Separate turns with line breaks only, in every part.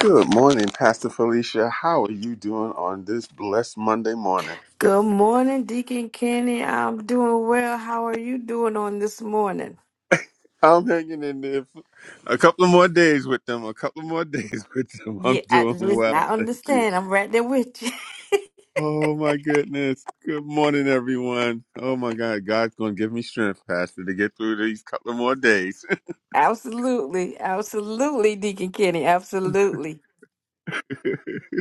Good morning, Pastor Felicia. How are you doing on this blessed Monday morning?
Good morning, Deacon Kenny. I'm doing well. How are you doing on this morning?
I'm hanging in there for a couple of more days with them, a couple of more days with them. I'm
Yeah, I,
doing
listen, I
well. Thank you.
understand. I'm right there with you.
Oh, my goodness. Good morning, everyone. Oh, my God. God's going to give me strength, Pastor, to get through these couple of more days.
Absolutely. Absolutely, Deacon Kenny. Absolutely.
Good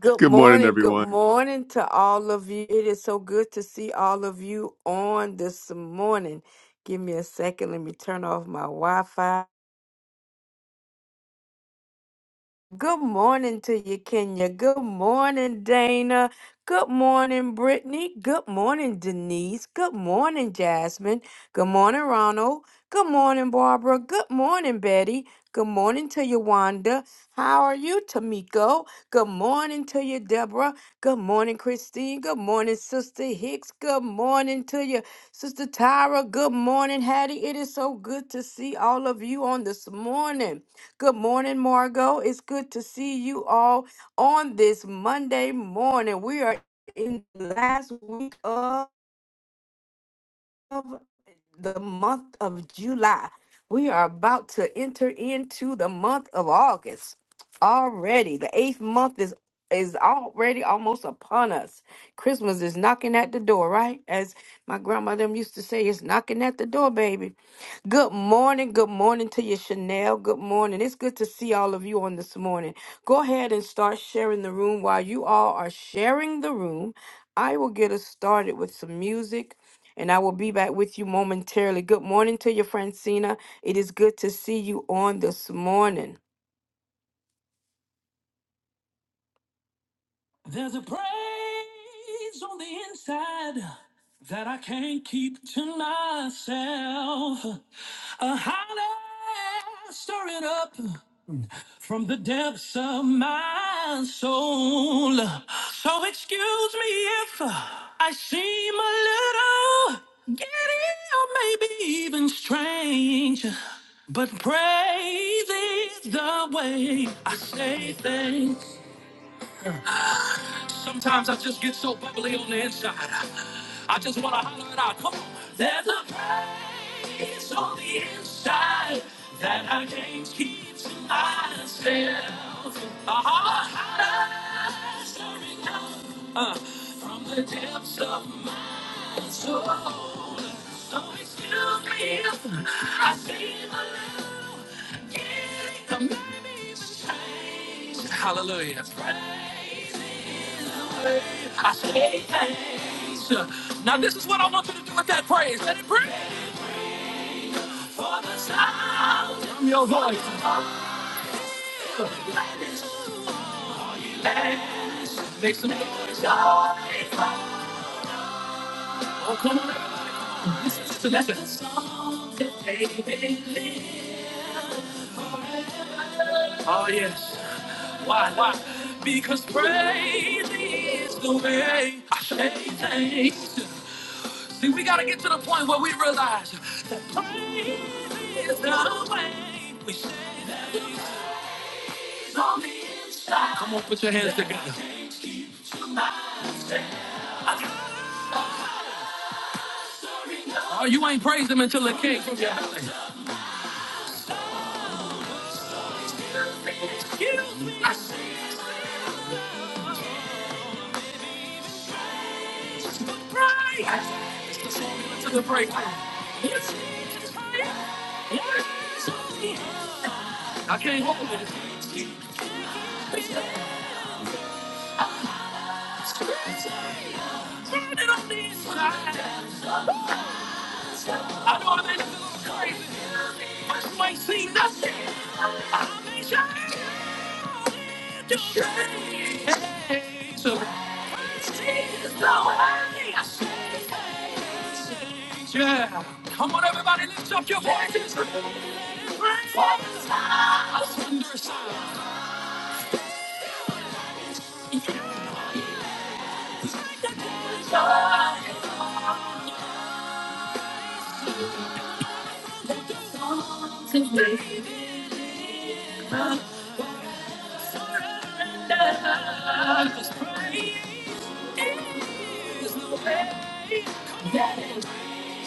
Good
morning,
morning. Good
everyone.
morning to all of you. It is so good to see all of you on this morning. Give me a second. Let me turn off my Wi Fi. Good morning to you, Kenya. Good morning, Dana. Good morning, Brittany. Good morning, Denise. Good morning, Jasmine. Good morning, Ronald. Good morning, Barbara. Good morning, Betty. Good morning to you, Wanda. How are you, Tamiko? Good morning to you, Deborah. Good morning, Christine. Good morning, Sister Hicks. Good morning to you, Sister Tyra. Good morning, Hattie. It is so good to see all of you on this morning. Good morning, Margot. It's good to see you all on this Monday morning. We are in the last week of of the month of July. We are about to enter into the month of August already. The eighth month is is already almost upon us. Christmas is knocking at the door, right? As my grandma them used to say, it's knocking at the door, baby. Good morning, good morning to you, Chanel. Good morning. It's good to see all of you on this morning. Go ahead and start sharing the room. While you all are sharing the room, I will get us started with some music and I will be back with you momentarily. Good morning to you, Francina. It is good to see you on this morning. There's a praise on the inside that I can't keep to myself. A holler stirring up. from the depths of my soul. So excuse me if I seem a little giddy or maybe even strange. But praise is the way I say thanks. Sometimes I just get so bubbly on the inside. I just want to holler it out. Come on. There's a praise on the inside that I can't keep to myself. A heart stirring up uh, from the depths of my soul. So excuse me if I seem a little giddy, or maybe it's strange. Hallelujah. Praise I say thanks. Now this is what I want you to do with that praise. Let it breathe. For the sound from your voice. Thanks. Make some noise. Oh, come on, everybody. This is- the that's it. Oh, yes. Why, why? Because praise is the way I say thanks. See, we got to get to the point where we realize that praise is the way we say thanks. On the inside. Come on, put your hands together. Oh, you ain't praised him until it came from your belly. Excuse me, I say praise. to the breakthrough. It's Jesus Christ. It's Jesus. I can't hold it. Turn it on the inside. I know it may crazy, but you ain't seen nothing. I may shine. to shine. Hey, so. Jesus, the way. Yeah. Come on, everybody, lift up your voices. Thunder sound.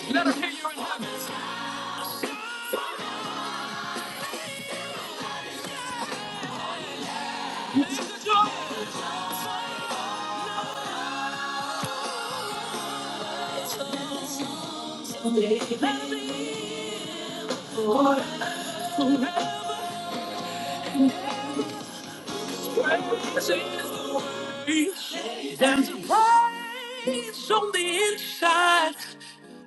Let her hear you in heaven. This is the joy. Let me forever Praise is the way. There's a praise on the inside.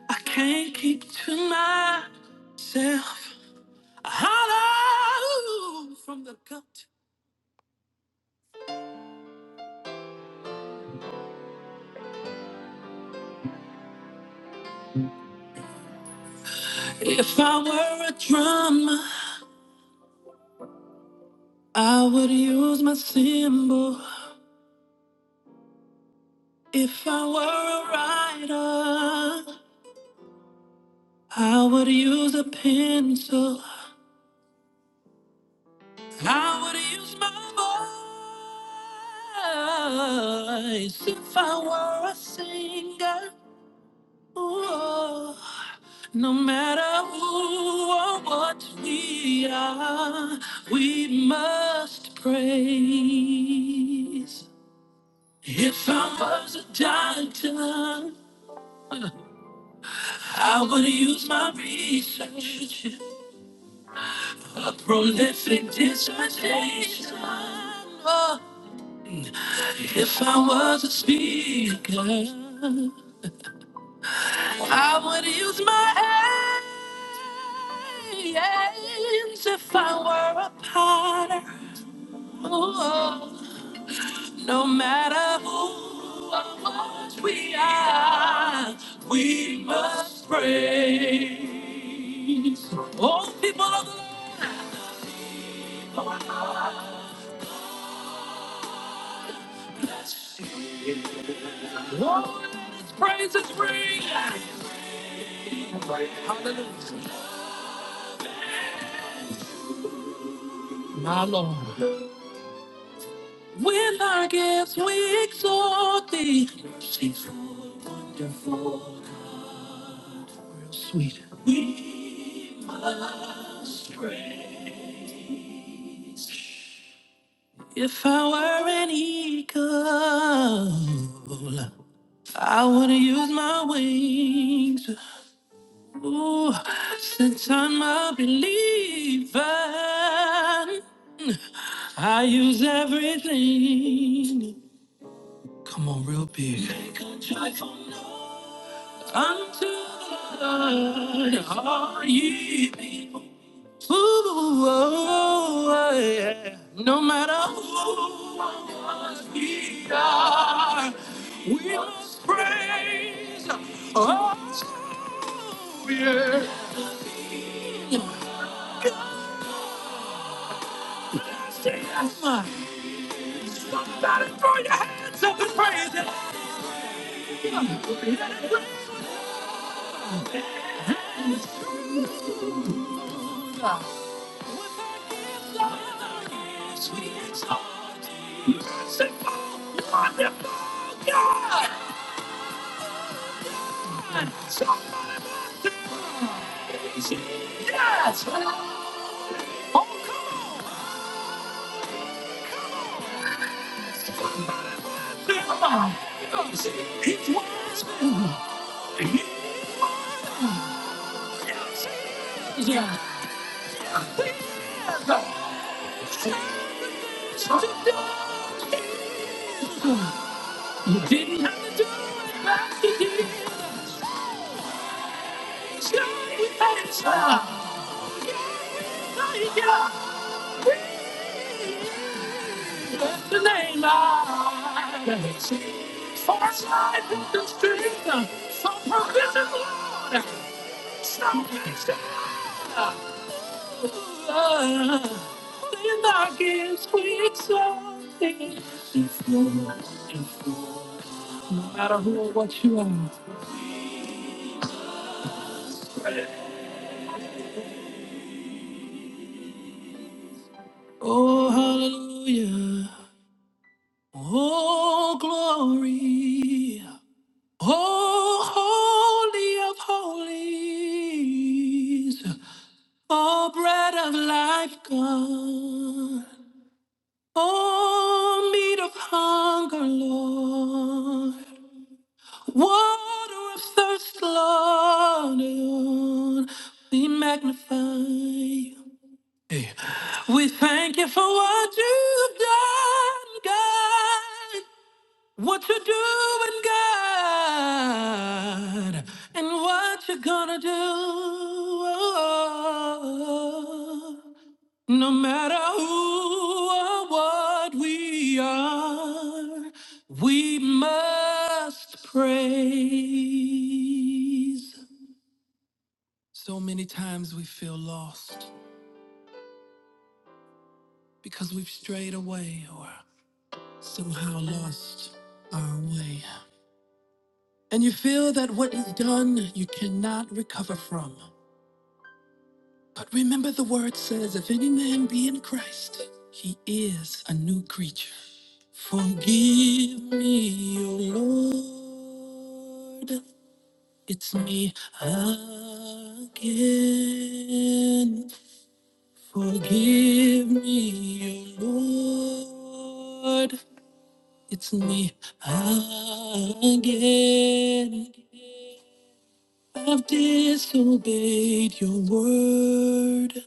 I can't keep to myself. I Holler from the gut. If I were a drummer, I would use my cymbal. If I were a writer, I would use a pencil. I would use my voice if I were a singer. Ooh, no matter who or what we are, we must praise. If I was a doctor, I would use my research, a prolific dissertation. Oh, If I was a speaker, I would use my hands. If I were a potter, oh, no matter who or what we are, we must praise. Oh, people of the Lord, oh, let His praises ring. Hallelujah, my Lord. With our gifts we exalt thee. She's wonderful God. Real sweet. We must praise. If I were an eagle, I would use my wings. Ooh, since I'm a believer, I use everything. Come on, real big. Take a drive on unto the Lord, all ye people. Ooh, oh, yeah. No matter who or what we are, we must praise. Oh, yeah. Somebody throw your hands up and praise Him. Let it rain. Yes! Oh, come on! Come on! It's wise, man. Yeah. You didn't have to do it, but you did. the name I for side of the street, for provision, Lord, so blessed. Then I guess we exalt exalted. No matter who or what you are. Oh, hallelujah. Oh, glory. Oh, holy of holies. Oh, bread of life, God. Oh, meat of hunger, Lord. Water of thirst, Lord. We magnify you. Hey. We thank you for what you've done, God. What you doing, God, and what you gonna do? No matter who or what we are, we must praise. So many times we feel lost because we've strayed away or somehow lost our way. and you feel that what is done you cannot recover from. But remember the word says, if any man be in Christ, he is a new creature. Forgive me, O Lord, it's me again. Forgive me, O Lord, it's me again. I've disobeyed your word.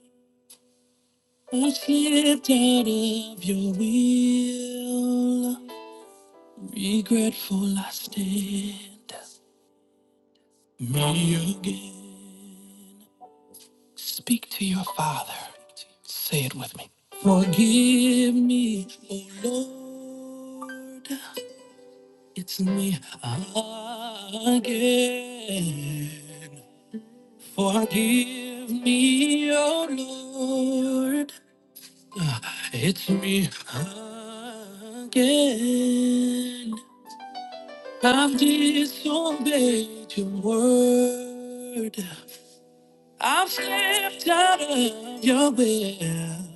I've slipped out of your will. Regretful I stand. Me again. Speak to your father. Say it with me. Forgive me, O Lord. It's me again. Forgive me, O Lord. It's me again. I've disobeyed your word. I've stepped out of your will.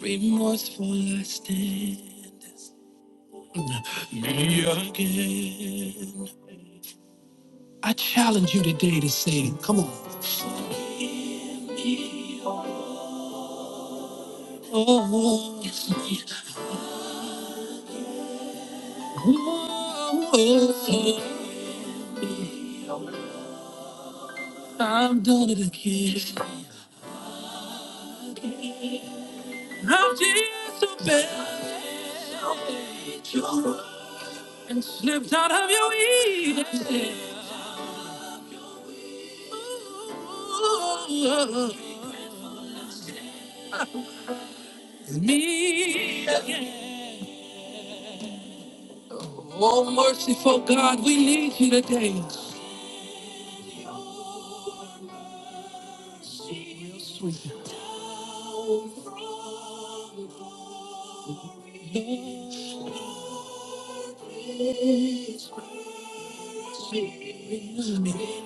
Remorseful I stand. Me again. I challenge you today to say, come on. Oh, it's me. Oh, oh, oh. I've done it again. I'm just a vessel and slipped out of your weed. Me again. Oh, merciful God, we need you today. Sweet Lord, renew me.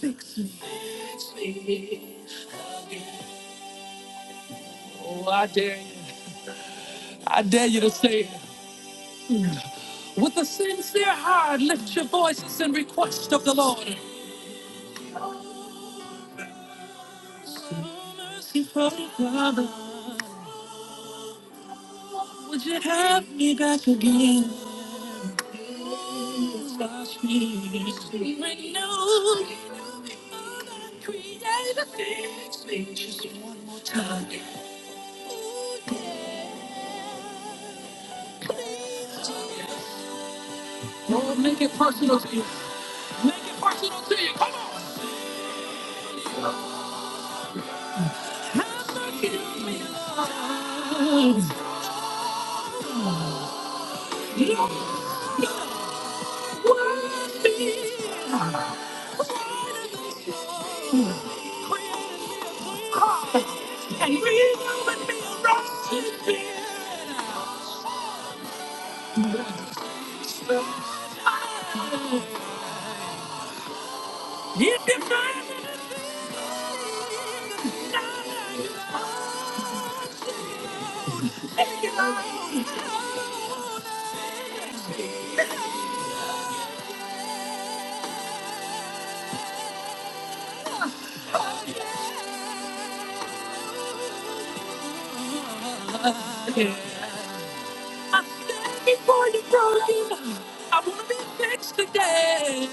Fix me. Oh, I dare you. I dare you to say it. With a sincere heart, lift your voices in request of the Lord. Merciful Father, would you have me back again? Please wash me. Renew created fix me just one more time. Lord, make it personal to you. Make it personal to you. Come on. Have mercy on me, Lord. You're not worthy. And renew in me a righteous spirit. If you find me, take it on. I'm standing for you, brother. I want to be fixed today.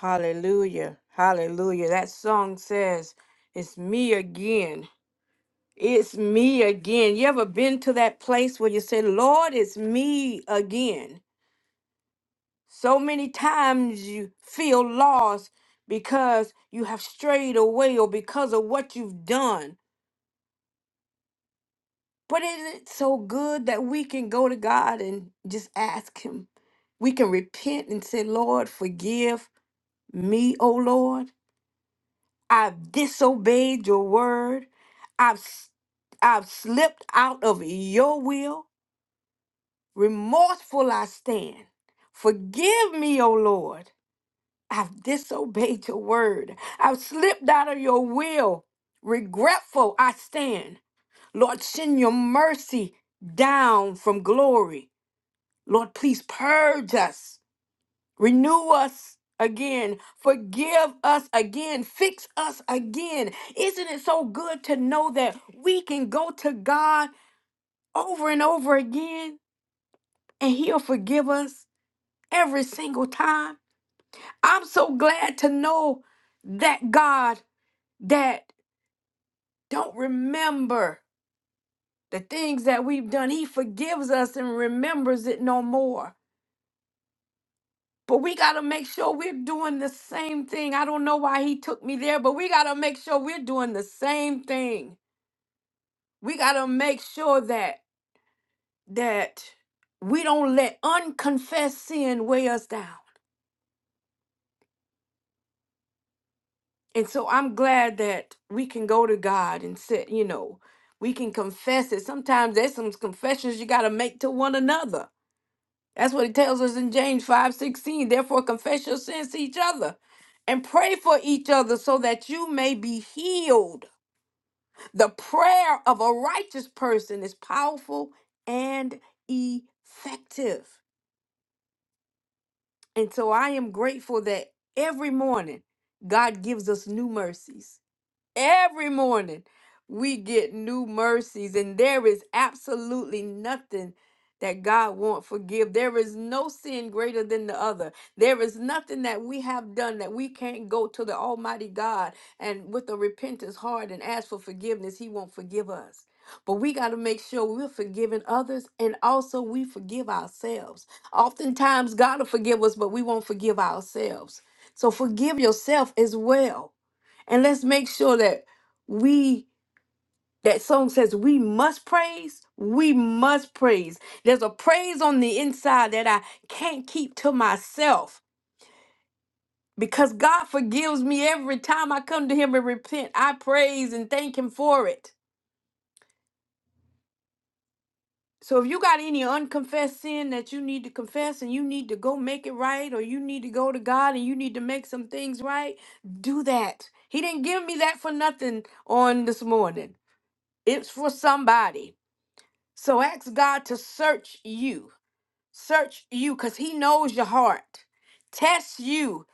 Hallelujah. Hallelujah. That song says, It's me again. It's me again. You ever been to that place where you say, Lord, it's me again? So many times you feel lost because you have strayed away or because of what you've done. But isn't it so good that we can go to God and just ask Him? We can repent and say, Lord, forgive me, O Lord. I've disobeyed your word. I've, s- I've slipped out of your will. Remorseful I stand. Forgive me, O Lord. I've disobeyed your word. I've slipped out of your will. Regretful I stand. Lord, send your mercy down from glory. Lord, please purge us, renew us again, forgive us again, fix us again. Isn't it so good to know that we can go to God over and over again and He'll forgive us every single time? I'm so glad to know that God that don't remember the things that we've done. He forgives us and remembers it no more. But we got to make sure we're doing the same thing. I don't know why he took me there, but we got to make sure we're doing the same thing. We got to make sure that that we don't let unconfessed sin weigh us down. And so I'm glad that we can go to God and say, you know, we can confess it. Sometimes there's some confessions you got to make to one another. That's what it tells us in James 5 16. Therefore, confess your sins to each other and pray for each other so that you may be healed. The prayer of a righteous person is powerful and effective. And so I am grateful that every morning God gives us new mercies. Every morning we get new mercies, and there is absolutely nothing that God won't forgive. There is no sin greater than the other. There is nothing that we have done that we can't go to the Almighty God and with a repentant heart and ask for forgiveness. He won't forgive us. But we got to make sure we're forgiving others and also we forgive ourselves. Oftentimes, God will forgive us, but we won't forgive ourselves. So forgive yourself as well and let's make sure that we that song says we must praise, we must praise. There's a praise on the inside that I can't keep to myself because God forgives me every time I come to him and repent. I praise and thank him for it. So if you got any unconfessed sin that you need to confess and you need to go make it right or you need to go to God and you need to make some things right, do that. He didn't give me that for nothing on this morning. It's for somebody. So ask God to search you. Search you because He knows your heart. Test you.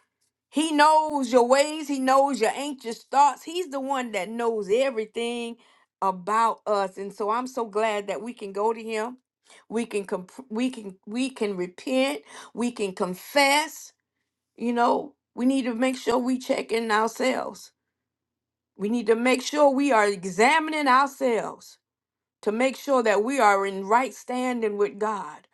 He knows your ways. He knows your anxious thoughts. He's the one that knows everything about us. And so I'm so glad that we can go to Him. We can comp- we can we can repent. We can confess. You know, we need to make sure we check in ourselves. We need to make sure we are examining ourselves to make sure that we are in right standing with God,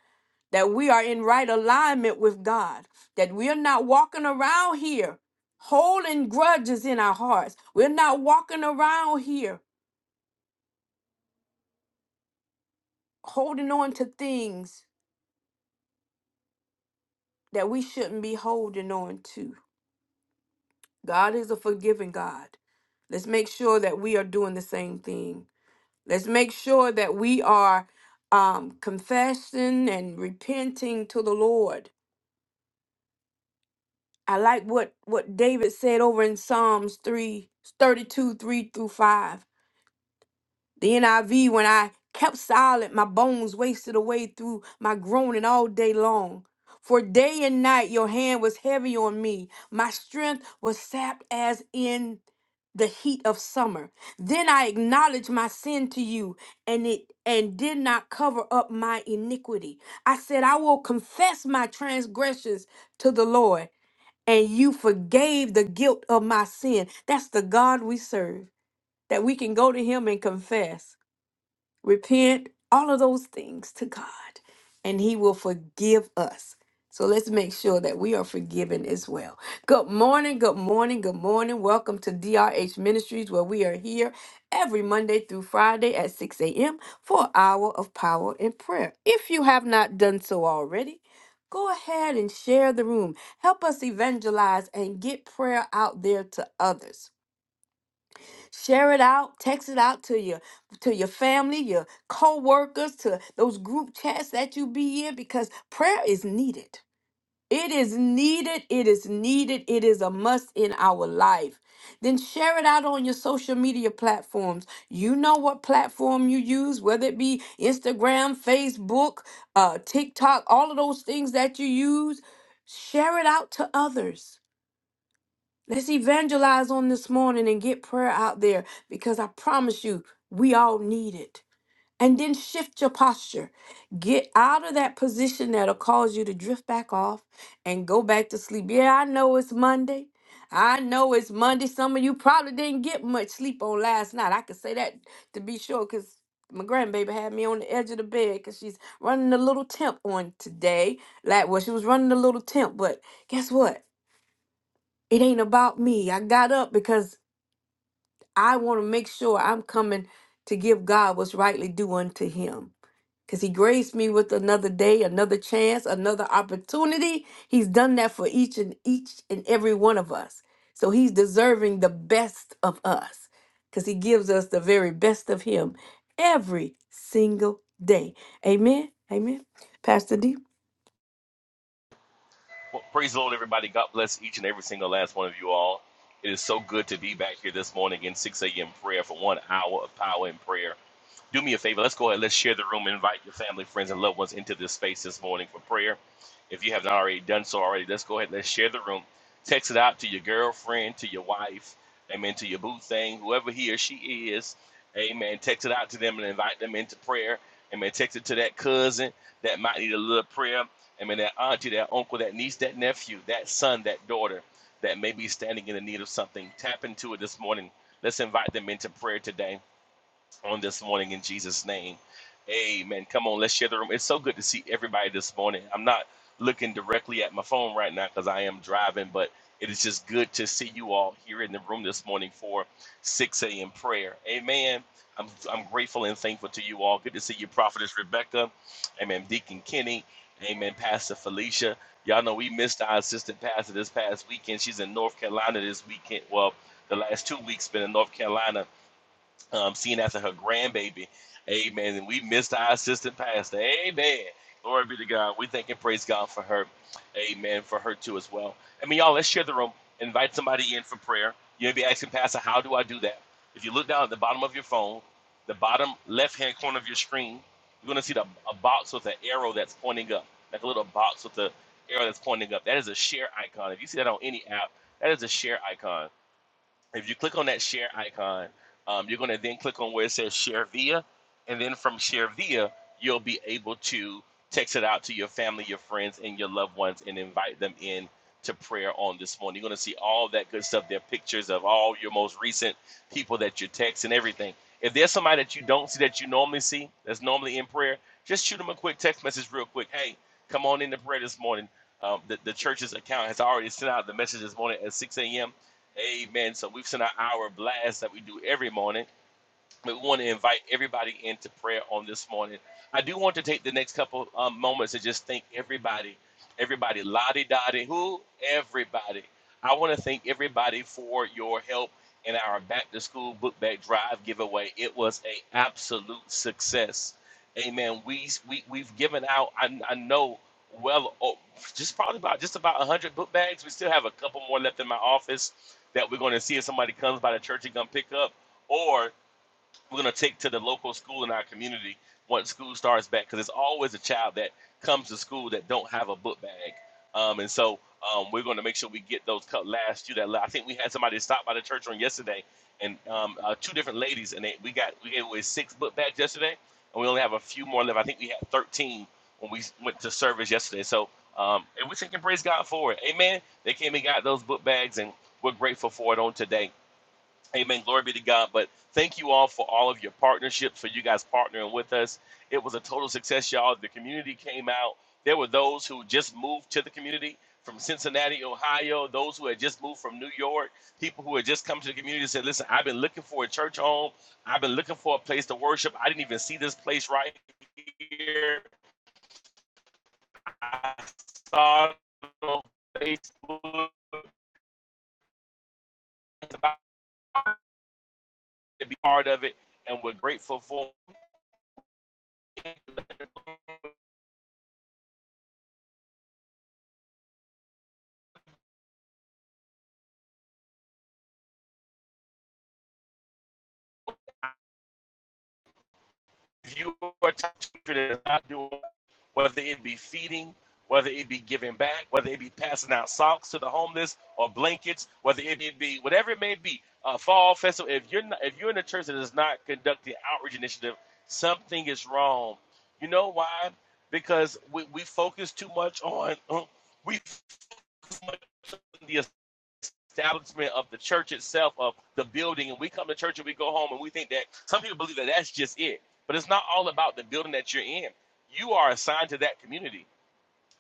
that we are in right alignment with God, that we are not walking around here holding grudges in our hearts. We're not walking around here holding on to things that we shouldn't be holding on to. God is a forgiving God. Let's make sure that we are doing the same thing. Let's make sure that we are um, confessing and repenting to the Lord I like what what David said over in Psalms three thirty 3 through 5. The NIV when I kept silent my bones wasted away through my groaning all day long. For day and night your hand was heavy on me. My strength was sapped as in the heat of summer. Then I acknowledged my sin to you and it and did not cover up my iniquity. I said I will confess my transgressions to the Lord and you forgave the guilt of my sin. That's the God we serve, that we can go to Him and confess repent, all of those things to God, and He will forgive us. So let's make sure that we are forgiven as well. Good morning, good morning, good morning. Welcome to DRH Ministries, where we are here every Monday through Friday at 6 a.m. for an hour of power and prayer. If you have not done so already, go ahead and share the room. Help us evangelize and get prayer out there to others. Share it out, text it out to your to your family, your co-workers, to those group chats that you be in because prayer is needed. It is needed, it is needed, it is a must in our life. Then share it out on your social media platforms. You know what platform you use, whether it be Instagram, Facebook, uh, TikTok, all of those things that you use. Share it out to others. Let's evangelize on this morning and get prayer out there because I promise you, we all need it. And then shift your posture. Get out of that position that'll cause you to drift back off and go back to sleep. Yeah, I know it's Monday. I know it's Monday. Some of you probably didn't get much sleep on last night. I can say that to be sure because my grandbaby had me on the edge of the bed because she's running a little temp on today. Like, well, she was running a little temp, but guess what? it ain't about me. I got up because I want to make sure I'm coming to give God what's rightly due unto him. Because he graced me with another day, another chance, another opportunity. He's done that for each and each and every one of us. So he's deserving the best of us because he gives us the very best of him every single day. Amen. Amen. Pastor D.
Well, praise the Lord, everybody. God bless each and every single last one of you all. It is so good to be back here this morning in 6 a.m. prayer for one hour of power and prayer do me a favor. Let's go ahead. Let's share the room. Invite your family, friends, and loved ones into this space this morning for prayer. If you have not already done so already, let's go ahead. Let's share the room. Text it out to your girlfriend, to your wife, amen, to your boo thing, whoever he or she is, amen. Text it out to them and invite them into prayer. Amen. Text it to that cousin that might need a little prayer. Amen. That auntie, that uncle, that niece, that nephew, that son, that daughter that may be standing in the need of something. Tap into it this morning. Let's invite them into prayer today on this morning in Jesus' name. Amen. Come on, let's share the room. It's so good to see everybody this morning. I'm not looking directly at my phone right now because I am driving, but it is just good to see you all here in the room this morning for 6 a.m. prayer. Amen. I'm, I'm grateful and thankful to you all. Good to see you, Prophetess Rebecca. Amen. Deacon Kenny. Amen. Pastor Felicia. Y'all know we missed our assistant pastor this past weekend. She's in North Carolina this weekend. Well, the last two weeks been in North Carolina um, seeing after her grandbaby. Amen. And we missed our assistant pastor. Amen. Glory be to God. We thank and praise God for her. Amen. For her too as well. I mean, y'all, let's share the room. Invite somebody in for prayer. You may be asking, Pastor, how do I do that? If you look down at the bottom of your phone, the bottom left hand corner of your screen, you're going to see the, a box with an arrow that's pointing up, like a little box with the arrow that's pointing up. That is a share icon. If you see that on any app, that is a share icon. If you click on that share icon, um, you're going to then click on where it says share via. And then from share via, you'll be able to text it out to your family, your friends, and your loved ones and invite them in to prayer on this morning. You're going to see all that good stuff. There are pictures of all your most recent people that you text and everything. If there's somebody that you don't see that you normally see, that's normally in prayer, just shoot them a quick text message real quick. Hey, come on into prayer this morning. Um, the, the church's account has already sent out the message this morning at 6 a.m Amen. So we've sent our hour blast that we do every morning we want to invite everybody into prayer on this morning. I do want to take the next couple um, moments to just thank everybody, everybody, Lottie Dottie, who? Everybody. I want to thank everybody for your help in our back to school book bag drive giveaway. It was a absolute success. Amen. We, we, we've given out, I, I know, well, oh, just probably about just about 100 book bags. We still have a couple more left in my office that we're going to see if somebody comes by the church and come pick up. Or we're going to take to the local school in our community once school starts back because there's always a child that comes to school that don't have a book bag um, and so um, we're going to make sure we get those cut last year that i think we had somebody stop by the church on yesterday and um, uh, two different ladies and they, we got we gave away six book bags yesterday and we only have a few more left i think we had 13 when we went to service yesterday so um, and we can praise god for it amen they came and got those book bags and we're grateful for it on today Amen. Glory be to God. But thank you all for all of your partnerships, for you guys partnering with us. It was a total success, y'all. The community came out. There were those who just moved to the community from Cincinnati, Ohio, those who had just moved from New York, people who had just come to the community and said, Listen, I've been looking for a church home. I've been looking for a place to worship. I didn't even see this place right here. I saw it on Facebook It's about to be part of it, and we're grateful for If you are touching children that is not doing, whether it be feeding, whether it be giving back, whether it be passing out socks to the homeless or blankets, whether it be whatever it may be, a fall festival. If you're not, if you're in a church that is not conducting outreach initiative, something is wrong. You know why? Because we, we focus too much on uh, we focus too much on the establishment of the church itself, of the building. And we come to church and we go home and we think that some people believe that that's just it. But it's not all about the building that you're in. You are assigned to that community.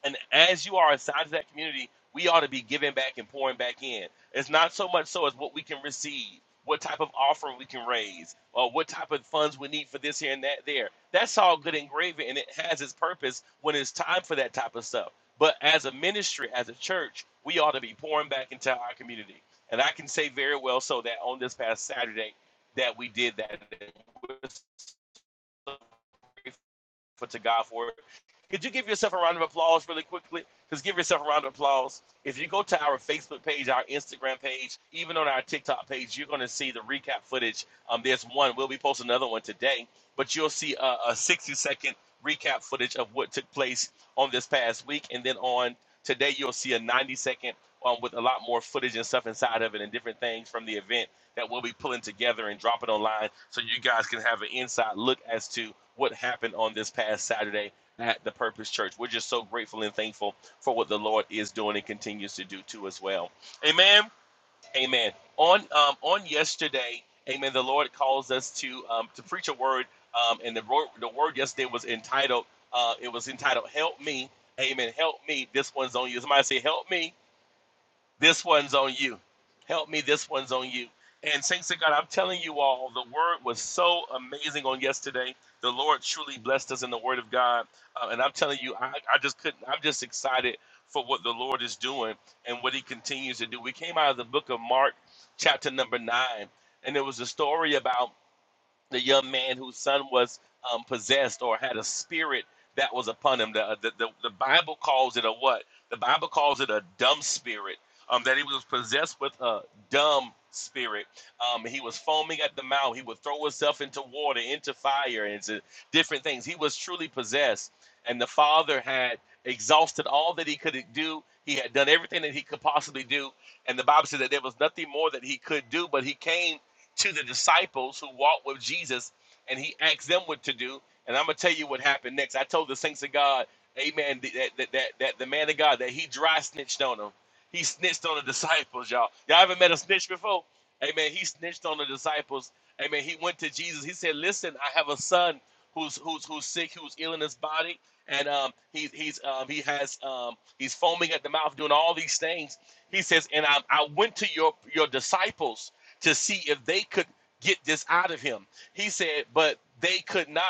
And as you are assigned of that community, we ought to be giving back and pouring back in. It's not so much so as what we can receive, what type of offering we can raise, or what type of funds we need for this here and that there. That's all good and gravy, and it has its purpose when it's time for that type of stuff. But as a ministry, as a church, we ought to be pouring back into our community. And I can say very well so that on this past Saturday that we did that. We're so grateful to God for it could you give yourself a round of applause really quickly? Just give yourself a round of applause. If you go to our Facebook page, our Instagram page, even on our TikTok page, you're going to see the recap footage. Um, there's one. We'll be posting another one today, but you'll see a, a 60 second recap footage of what took place on this past week, and then on today you'll see a 90 second um, with a lot more footage and stuff inside of it, and different things from the event that we'll be pulling together and dropping online, so you guys can have an inside look as to what happened on this past Saturday at the Purpose Church. We're just so grateful and thankful for what the Lord is doing and continues to do too as well. Amen. Amen. On um, on yesterday, Amen. The Lord calls us to um, to preach a word, um, and the word the word yesterday was entitled uh, it was entitled "Help Me." Amen. Help me. This one's on you. Somebody say, "Help me." This one's on you. Help me, this one's on you. And thanks to God, I'm telling you all, the word was so amazing on yesterday. The Lord truly blessed us in the word of God. Uh, and I'm telling you, I, I just couldn't, I'm just excited for what the Lord is doing and what he continues to do. We came out of the book of Mark, chapter number nine, and there was a story about the young man whose son was um, possessed or had a spirit that was upon him. The, uh, the, the, the Bible calls it a what? The Bible calls it a dumb spirit, um, that he was possessed with a dumb spirit. Um, he was foaming at the mouth. He would throw himself into water, into fire, and into different things. He was truly possessed. And the father had exhausted all that he could do. He had done everything that he could possibly do. And the Bible says that there was nothing more that he could do, but he came to the disciples who walked with Jesus, and he asked them what to do. And I'm gonna tell you what happened next. I told the saints of God, Amen, that that that, that the man of God that he dry snitched on them. He snitched on the disciples, y'all. Y'all ever met a snitch before? Amen. He snitched on the disciples. Amen. He went to Jesus. He said, "Listen, I have a son who's who's who's sick, who's ill in his body, and um, he's he's um, he has um, he's foaming at the mouth, doing all these things." He says, "And I, I went to your your disciples." to see if they could get this out of him. He said, but they could not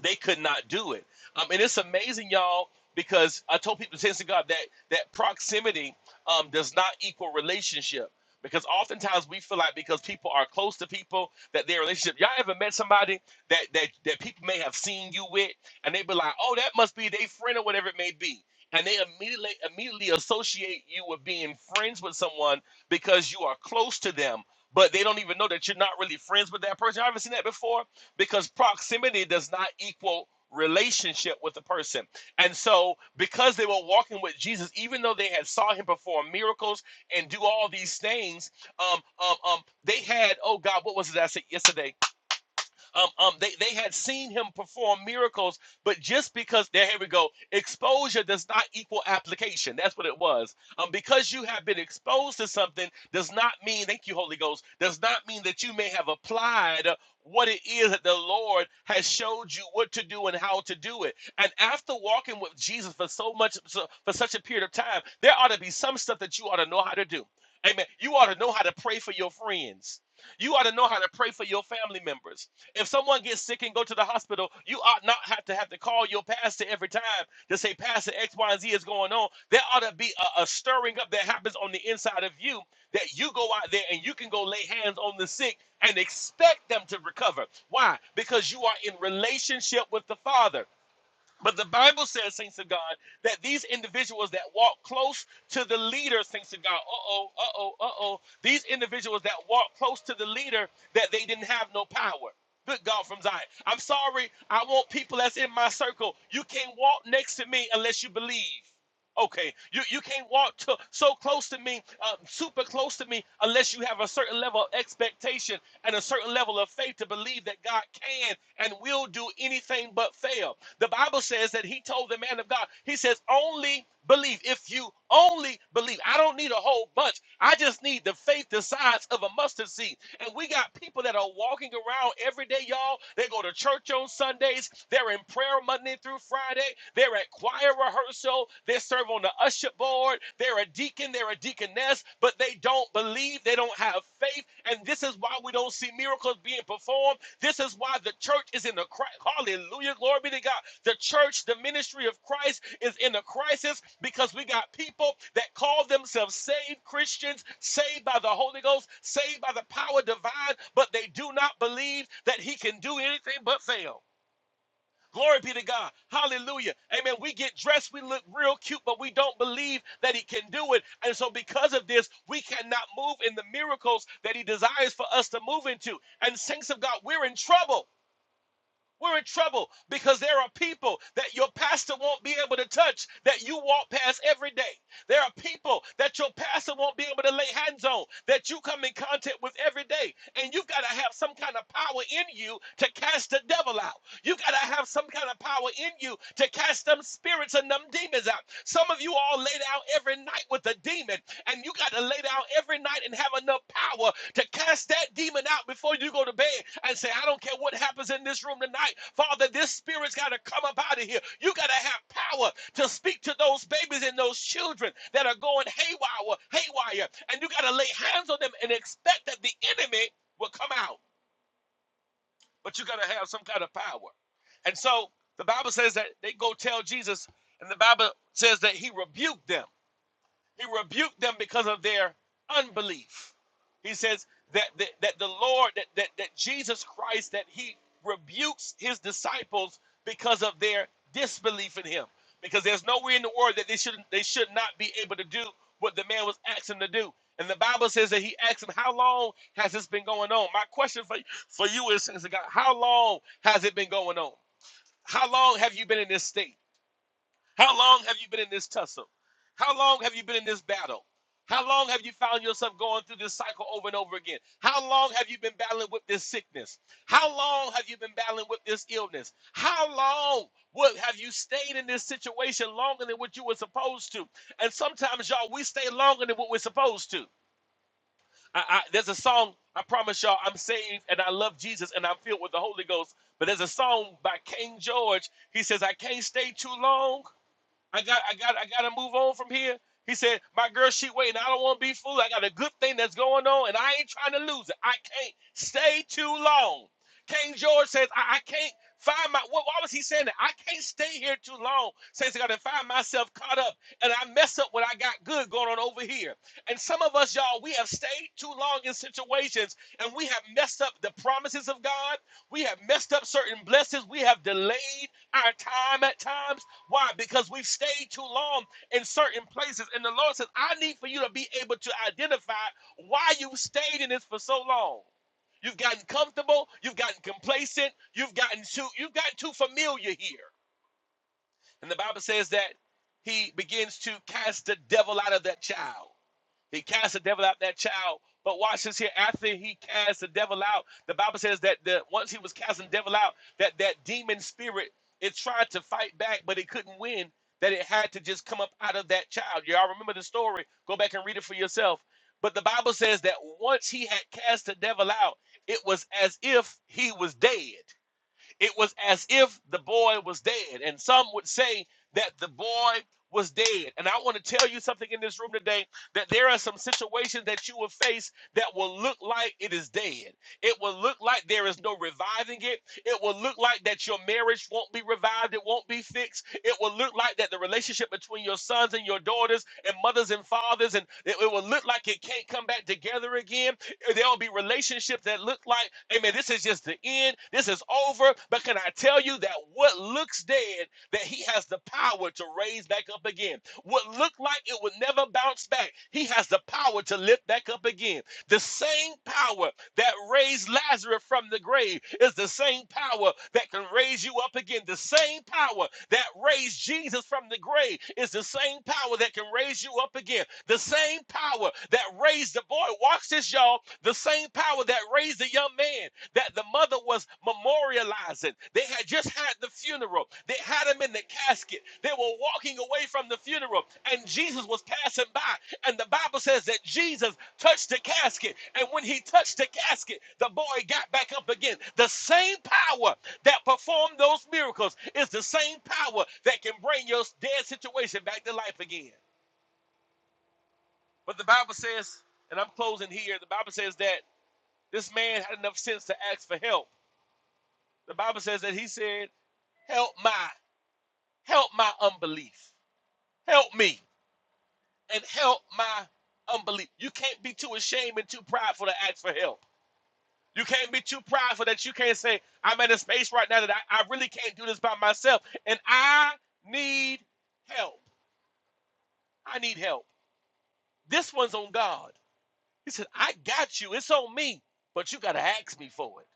they could not do it. Um, and it's amazing, y'all, because I told people, thanks to God, that that proximity um, does not equal relationship. Because oftentimes we feel like because people are close to people that their relationship. Y'all ever met somebody that that that people may have seen you with, and they be like, "Oh, that must be their friend or whatever it may be," and they immediately immediately associate you with being friends with someone because you are close to them, but they don't even know that you're not really friends with that person. Y'all ever seen that before? because proximity does not equal relationship with the person. And so because they were walking with Jesus, even though they had saw him perform miracles and do all these things, um, um, um, they had, oh God, what was it I said yesterday? Um, um, they, they had seen him perform miracles, but just because there, here we go, exposure does not equal application. That's what it was. Um, because you have been exposed to something does not mean, thank you, Holy Ghost, does not mean that you may have applied what it is that the Lord has showed you what to do and how to do it. And after walking with Jesus for so much, so, for such a period of time, there ought to be some stuff that you ought to know how to do. Amen. You ought to know how to pray for your friends. You ought to know how to pray for your family members. If someone gets sick and go to the hospital, you ought not have to have to call your pastor every time to say, Pastor, X, Y, and Z is going on. There ought to be a, a stirring up that happens on the inside of you that you go out there and you can go lay hands on the sick and expect them to recover. Why? Because you are in relationship with the Father. But the Bible says, saints of God, that these individuals that walk close to the leader, saints of God, uh oh, uh oh, uh oh, these individuals that walk close to the leader, that they didn't have no power. Good God from Zion. I'm sorry, I want people that's in my circle. You can't walk next to me unless you believe. Okay, you, you can't walk to, so close to me, uh, super close to me, unless you have a certain level of expectation and a certain level of faith to believe that God can and will do anything but fail. The Bible says that He told the man of God, He says, only believe. If you only believe, I don't need a whole bunch. I just need the faith the size of a mustard seed. And we got people that are walking around every day, y'all. They go to church on Sundays, they're in prayer Monday through Friday. Friday. They're at choir rehearsal. They serve on the usher board. They're a deacon. They're a deaconess, but they don't believe. They don't have faith. And this is why we don't see miracles being performed. This is why the church is in the crisis. Hallelujah. Glory be to God. The church, the ministry of Christ is in a crisis because we got people that call themselves saved Christians, saved by the Holy Ghost, saved by the power divine, but they do not believe that he can do anything but fail. Glory be to God. Hallelujah. Amen. We get dressed, we look real cute, but we don't believe that He can do it. And so, because of this, we cannot move in the miracles that He desires for us to move into. And, saints of God, we're in trouble. We're in trouble because there are people that your pastor won't be able to touch that you walk past every day. There are people that your pastor won't be able to lay hands on that you come in contact with every day. And you've got to have some kind of power in you to cast the devil out. You've got to have some kind of power in you to cast them spirits and them demons out. Some of you all lay down every night with a demon, and you got to lay down every night and have enough power to cast that demon out before you go to bed and say, I don't care what happens in this room tonight. Father, this spirit's got to come up out of here. You got to have power to speak to those babies and those children that are going haywire, haywire. And you got to lay hands on them and expect that the enemy will come out. But you got to have some kind of power. And so the Bible says that they go tell Jesus, and the Bible says that he rebuked them. He rebuked them because of their unbelief. He says that that, that the Lord, that, that that Jesus Christ, that he rebukes his disciples because of their disbelief in him. Because there's nowhere in the word that they should they should not be able to do what the man was asking them to do. And the Bible says that he asked him, How long has this been going on? My question for, for you is, Saints God, how long has it been going on? How long have you been in this state? How long have you been in this tussle? How long have you been in this battle? How long have you found yourself going through this cycle over and over again? How long have you been battling with this sickness? How long have you been battling with this illness? How long would have you stayed in this situation longer than what you were supposed to? And sometimes, y'all, we stay longer than what we're supposed to. I, I, there's a song, I promise y'all, I'm saved and I love Jesus and I'm filled with the Holy Ghost. But there's a song by King George. He says, I can't stay too long. I got I got I gotta move on from here. He said, My girl, she waiting. I don't wanna be fooled. I got a good thing that's going on and I ain't trying to lose it. I can't stay too long. King George says, I, I can't find my why why was he saying that? I can't stay here too long. Says I gotta find myself caught up and I mess up what I got good going on over here. And some of us, y'all, we have stayed too long in situations and we have messed up the promises of God. We have messed up certain blessings. We have delayed our time at times why? Because we've stayed too long in certain places. And the Lord says, I need for you to be able to identify why you've stayed in this for so long. You've gotten comfortable, you've gotten complacent, you've gotten too, you've gotten too familiar here. And the Bible says that he begins to cast the devil out of that child. He cast the devil out that child. But watch this here. After he cast the devil out, the Bible says that the, once he was casting the devil out, that that demon spirit it tried to fight back, but it couldn't win. That it had to just come up out of that child. Y'all remember the story? Go back and read it for yourself. But the Bible says that once he had cast the devil out, it was as if he was dead. It was as if the boy was dead. And some would say that the boy was dead. And I want to tell you something in this room today that there are some situations that you will face that will look like it is dead. It will look like there is no reviving it. It will look like that your marriage won't be revived. It won't be fixed. It will look like that the relationship between your sons and your daughters and mothers and fathers and it, it will look like it can't come back together again. There'll be relationships that look like, amen, this is just the end. This is over. But can I tell you that what looks dead, that he has the power to raise back up again. What looked like it would never bounce back, he has the power to lift back up again. The same power that raised Lazarus from the grave is the same power that can raise you up again. The same power that raised Jesus from the grave is the same power that can raise you up again. The same power that raised the boy, watch this, y'all. The same power that raised the young man that the mother was memorializing. They had just had the funeral. They had him in the casket. They were walking away from the funeral, and Jesus was passing by. And the Bible says that Jesus touched the casket. And when he touched the casket, the boy got back up again. The same power that performed those miracles is the same power that can bring your dead situation back to life again. But the Bible says, and I'm closing here, the Bible says that this man had enough sense to ask for help. The Bible says that he said, Help my, help my unbelief. Help me and help my unbelief. You can't be too ashamed and too prideful to ask for help. You can't be too prideful that you can't say, I'm in a space right now that I, I really can't do this by myself. And I need help. I need help. This one's on God. He said, I got you. It's on me. But you got to ask me for it.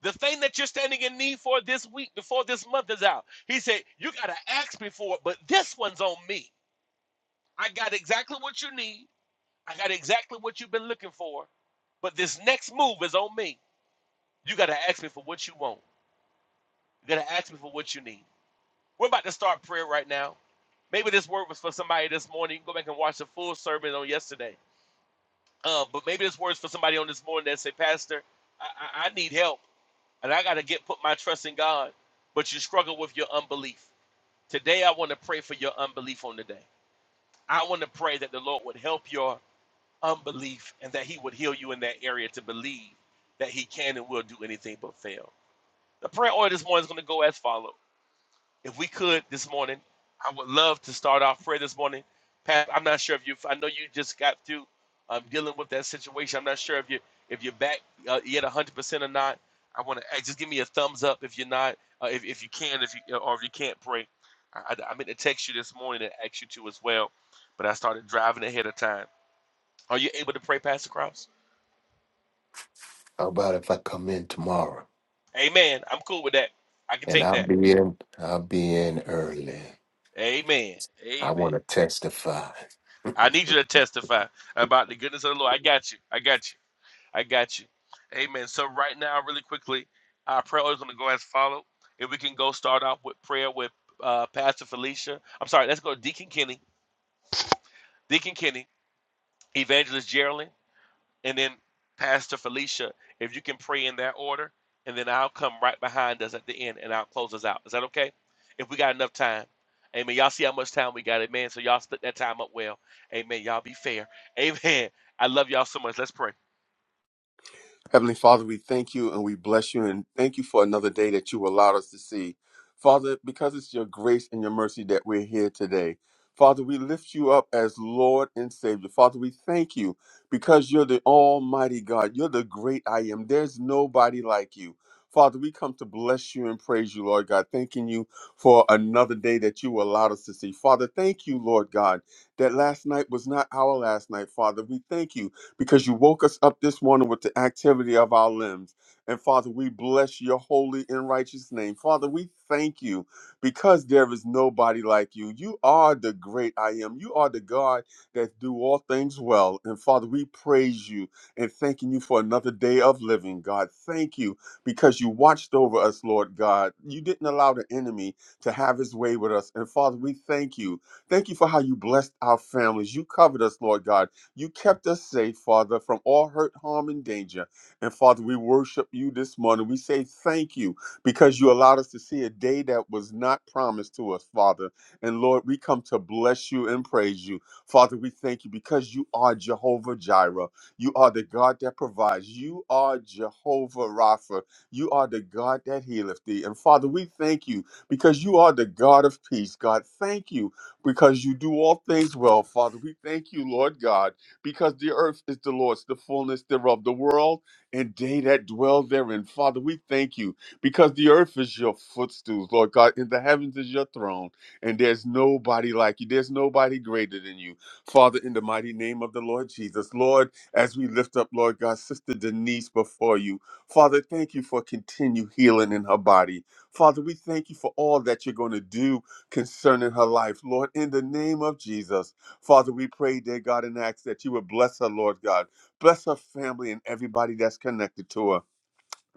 The thing that you're standing in need for this week, before this month is out, he said, You got to ask me for it, but this one's on me. I got exactly what you need. I got exactly what you've been looking for, but this next move is on me. You got to ask me for what you want. You got to ask me for what you need. We're about to start prayer right now. Maybe this word was for somebody this morning. You can go back and watch the full sermon on yesterday. Um, but maybe this word's for somebody on this morning that say, Pastor, I, I, I need help and I got to get put my trust in God. But you struggle with your unbelief. Today, I want to pray for your unbelief on the day. I want to pray that the Lord would help your unbelief and that he would heal you in that area to believe that he can and will do anything but fail. The prayer order this morning is going to go as follows. If we could this morning, I would love to start off prayer this morning. Pat, I'm not sure if you, I know you just got through um, dealing with that situation. I'm not sure if you, if you're back uh, yet 100% or not. I want to hey, just give me a thumbs up if you're not, uh, if, if you can, if you, or if you can't pray. I, I, I meant to text you this morning and ask you to as well, but I started driving ahead of time. Are you able to pray, Pastor Cross?
How about if I come in tomorrow?
Amen. I'm cool with that. I can
And
take
I'll
that.
be in. I'll be in early.
Amen.
I
Amen.
want to testify.
I need you to testify about the goodness of the Lord. I got you. I got you. I got you. Amen. So right now, really quickly, our prayer is going to go as follow. If we can go start off with prayer with uh, Pastor Felicia. I'm sorry. Let's go Deacon Kenny. Deacon Kenny. Evangelist Geraldine. And then, Pastor Felicia, if you can pray in that order, and then I'll come right behind us at the end and I'll close us out. Is that okay? If we got enough time. Amen. Y'all see how much time we got. Amen. So y'all split that time up well. Amen. Y'all be fair. Amen. I love y'all so much. Let's pray.
Heavenly Father, we thank you and we bless you and thank you for another day that you allowed us to see. Father, because it's your grace and your mercy that we're here today. Father, we lift you up as Lord and Savior. Father, we thank you because you're the Almighty God. You're the great I am. There's nobody like you. Father, we come to bless you and praise you, Lord God, thanking you for another day that you allowed us to see. Father, thank you, Lord God, that last night was not our last night, Father. We thank you because you woke us up this morning with the activity of our limbs. And Father, we bless your holy and righteous name. Father, we thank you because there is nobody like you. You are the great I am. You are the God that do all things well. And Father, we praise you and thanking you for another day of living, God. Thank you because you watched over us, Lord God. You didn't allow the enemy to have his way with us. And Father, we thank you. Thank you for how you blessed our families. You covered us, Lord God. You kept us safe, Father, from all hurt, harm, and danger. And Father, we worship you this morning. We say thank you because you allowed us to see a day that was not promised to us, Father. And Lord, we come to bless you and praise you. Father, we thank you because you are Jehovah Jireh. You are the God that provides. You are Jehovah Rapha. You are the God that healeth thee. And Father, we thank you because you are the God of peace. God, thank you because you do all things well, Father. We thank you, Lord God because the earth is the Lord's, the fullness thereof, the world and they that dwell therein. Father, we thank you because the earth is your footstool, Lord God, and the heavens is your throne, and there's nobody like you. There's nobody greater than you. Father, in the mighty name of the Lord Jesus, Lord, as we lift up, Lord God, Sister Denise before you, Father, thank you for continued healing in her body. Father, we thank you for all that you're going to do concerning her life, Lord, in the name of Jesus. Father, we pray, dear God, and ask that you would bless her, Lord God. Bless her family and everybody that's connected to her.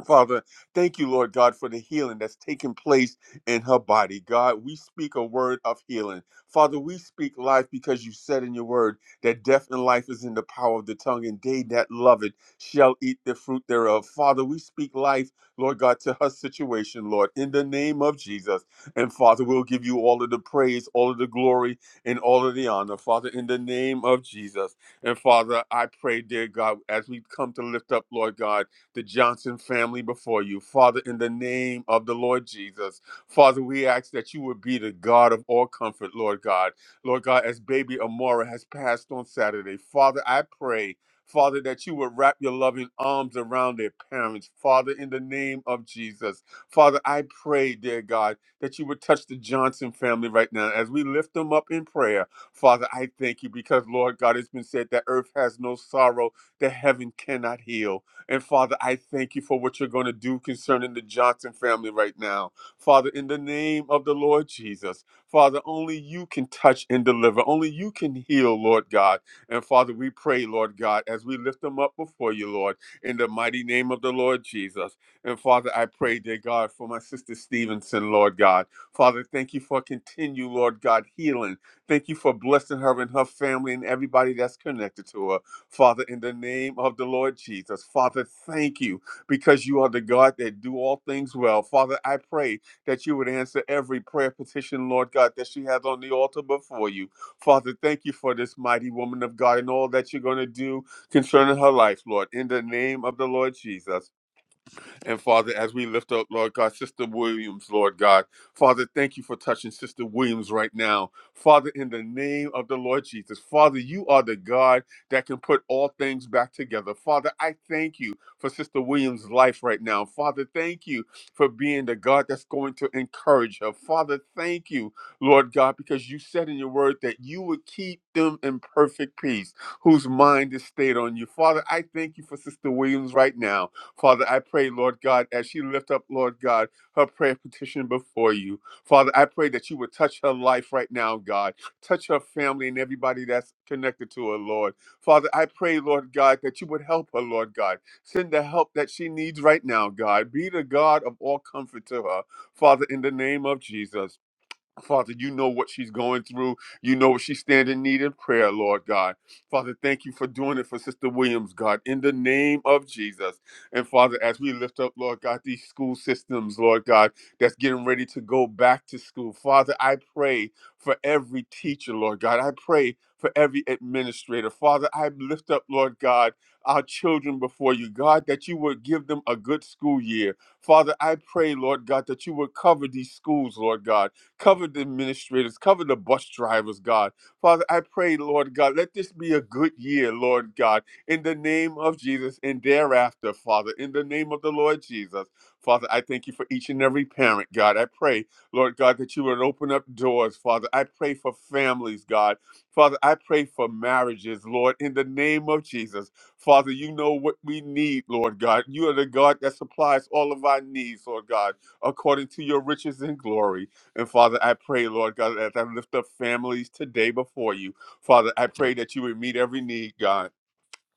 Father, thank you, Lord God, for the healing that's taking place in her body. God, we speak a word of healing. Father, we speak life because you said in your word that death and life is in the power of the tongue, and they that love it shall eat the fruit thereof. Father, we speak life, Lord God, to her situation, Lord, in the name of Jesus. And Father, we'll give you all of the praise, all of the glory, and all of the honor, Father, in the name of Jesus. And Father, I pray, dear God, as we come to lift up, Lord God, the Johnson family before you. Father, in the name of the Lord Jesus, Father, we ask that you would be the God of all comfort, Lord God. Lord God, as baby Amora has passed on Saturday, Father, I pray. Father, that you would wrap your loving arms around their parents. Father, in the name of Jesus. Father, I pray, dear God, that you would touch the Johnson family right now. As we lift them up in prayer, Father, I thank you because, Lord God, it's been said that earth has no sorrow that heaven cannot heal. And Father, I thank you for what you're going to do concerning the Johnson family right now. Father, in the name of the Lord Jesus, Father, only you can touch and deliver. Only you can heal, Lord God. And Father, we pray, Lord God, as we lift them up before you, Lord, in the mighty name of the Lord Jesus. And Father, I pray, dear God, for my sister Stevenson, Lord God. Father, thank you for continue, Lord God, healing. Thank you for blessing her and her family and everybody that's connected to her. Father, in the name of the Lord Jesus. Father, thank you because you are the God that do all things well. Father, I pray that you would answer every prayer petition, Lord God, that she has on the altar before you. Father, thank you for this mighty woman of God and all that you're going to do concerning her life, Lord, in the name of the Lord Jesus. And Father, as we lift up, Lord God, Sister Williams, Lord God, Father, thank you for touching Sister Williams right now. Father, in the name of the Lord Jesus, Father, you are the God that can put all things back together. Father, I thank you for Sister Williams' life right now. Father, thank you for being the God that's going to encourage her. Father, thank you, Lord God, because you said in your word that you would keep them in perfect peace whose mind is stayed on you. Father, I thank you for Sister Williams right now. Father, I pray, Lord God, as she lift up, Lord God, her prayer petition before you. Father, I pray that you would touch her life right now, God. Touch her family and everybody that's connected to her, Lord. Father, I pray, Lord God, that you would help her, Lord God. Send the help that she needs right now, God. Be the God of all comfort to her, Father, in the name of Jesus. Father, you know what she's going through. You know what she's standing in need of prayer, Lord God. Father, thank you for doing it for Sister Williams, God, in the name of Jesus. And Father, as we lift up, Lord God, these school systems, Lord God, that's getting ready to go back to school. Father, I pray for every teacher, Lord God. I pray for every administrator. Father, I lift up, Lord God, our children before you, God, that you would give them a good school year. Father, I pray, Lord God, that you would cover these schools, Lord God. Cover the administrators, cover the bus drivers, God. Father, I pray, Lord God, let this be a good year, Lord God, in the name of Jesus and thereafter, Father, in the name of the Lord Jesus. Father, I thank you for each and every parent, God. I pray, Lord God, that you would open up doors, Father. I pray for families, God. Father, I pray for marriages, Lord, in the name of Jesus. Father, you know what we need, Lord God. You are the God that supplies all of our needs, Lord God, according to your riches and glory. And Father, I pray, Lord God, as I lift up families today before you, Father, I pray that you would meet every need, God.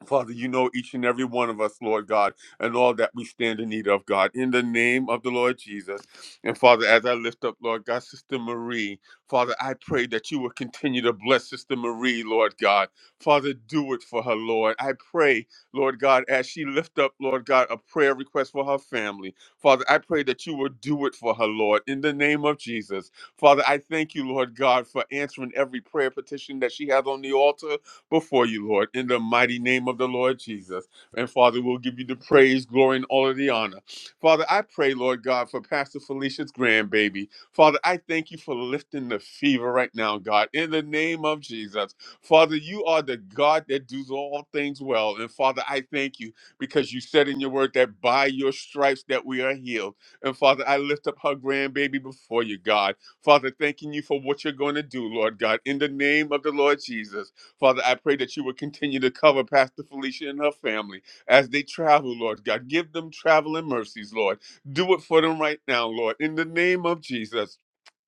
Father, you know each and every one of us, Lord God, and all that we stand in need of, God, in the name of the Lord Jesus. And Father, as I lift up, Lord God, Sister Marie, Father, I pray that you will continue to bless Sister Marie, Lord God. Father, do it for her, Lord. I pray, Lord God, as she lift up, Lord God, a prayer request for her family. Father, I pray that you will do it for her, Lord, in the name of Jesus. Father, I thank you, Lord God, for answering every prayer petition that she has on the altar before you, Lord, in the mighty name of the Lord Jesus. And Father, we'll give you the praise, glory, and all of the honor. Father, I pray, Lord God, for Pastor Felicia's grandbaby. Father, I thank you for lifting the fever right now, God, in the name of Jesus. Father, you are the God that does all things well. And Father, I thank you because you said in your word that by your stripes that we are healed. And Father, I lift up her grandbaby before you, God. Father, thanking you for what you're going to do, Lord God, in the name of the Lord Jesus. Father, I pray that you would continue to cover Pastor Felicia and her family as they travel, Lord God. Give them traveling mercies, Lord. Do it for them right now, Lord, in the name of Jesus.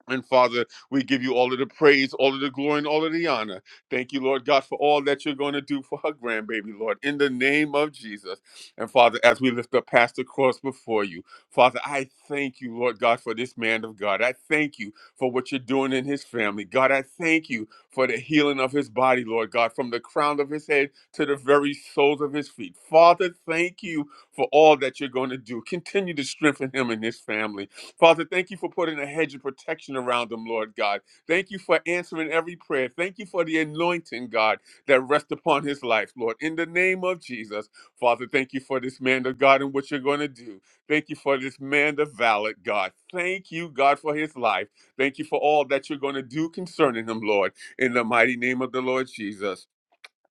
And Father, we give you all of the praise, all of the glory, and all of the honor. Thank you, Lord God, for all that you're going to do for her grandbaby, Lord, in the name of Jesus. And Father, as we lift up Pastor Cross before you, Father, I thank you, Lord God, for this man of God. I thank you for what you're doing in his family. God, I thank you for the healing of his body, Lord God, from the crown of his head to the very soles of his feet. Father, thank you for all that you're going to do. Continue to strengthen him and his family. Father, thank you for putting a hedge of protection around them, Lord God. Thank you for answering every prayer. Thank you for the anointing, God, that rests upon his life, Lord. In the name of Jesus, Father, thank you for this man of God and what you're going to do. Thank you for this man of valid, God. Thank you, God, for his life. Thank you for all that you're going to do concerning him, Lord. In the mighty name of the Lord Jesus.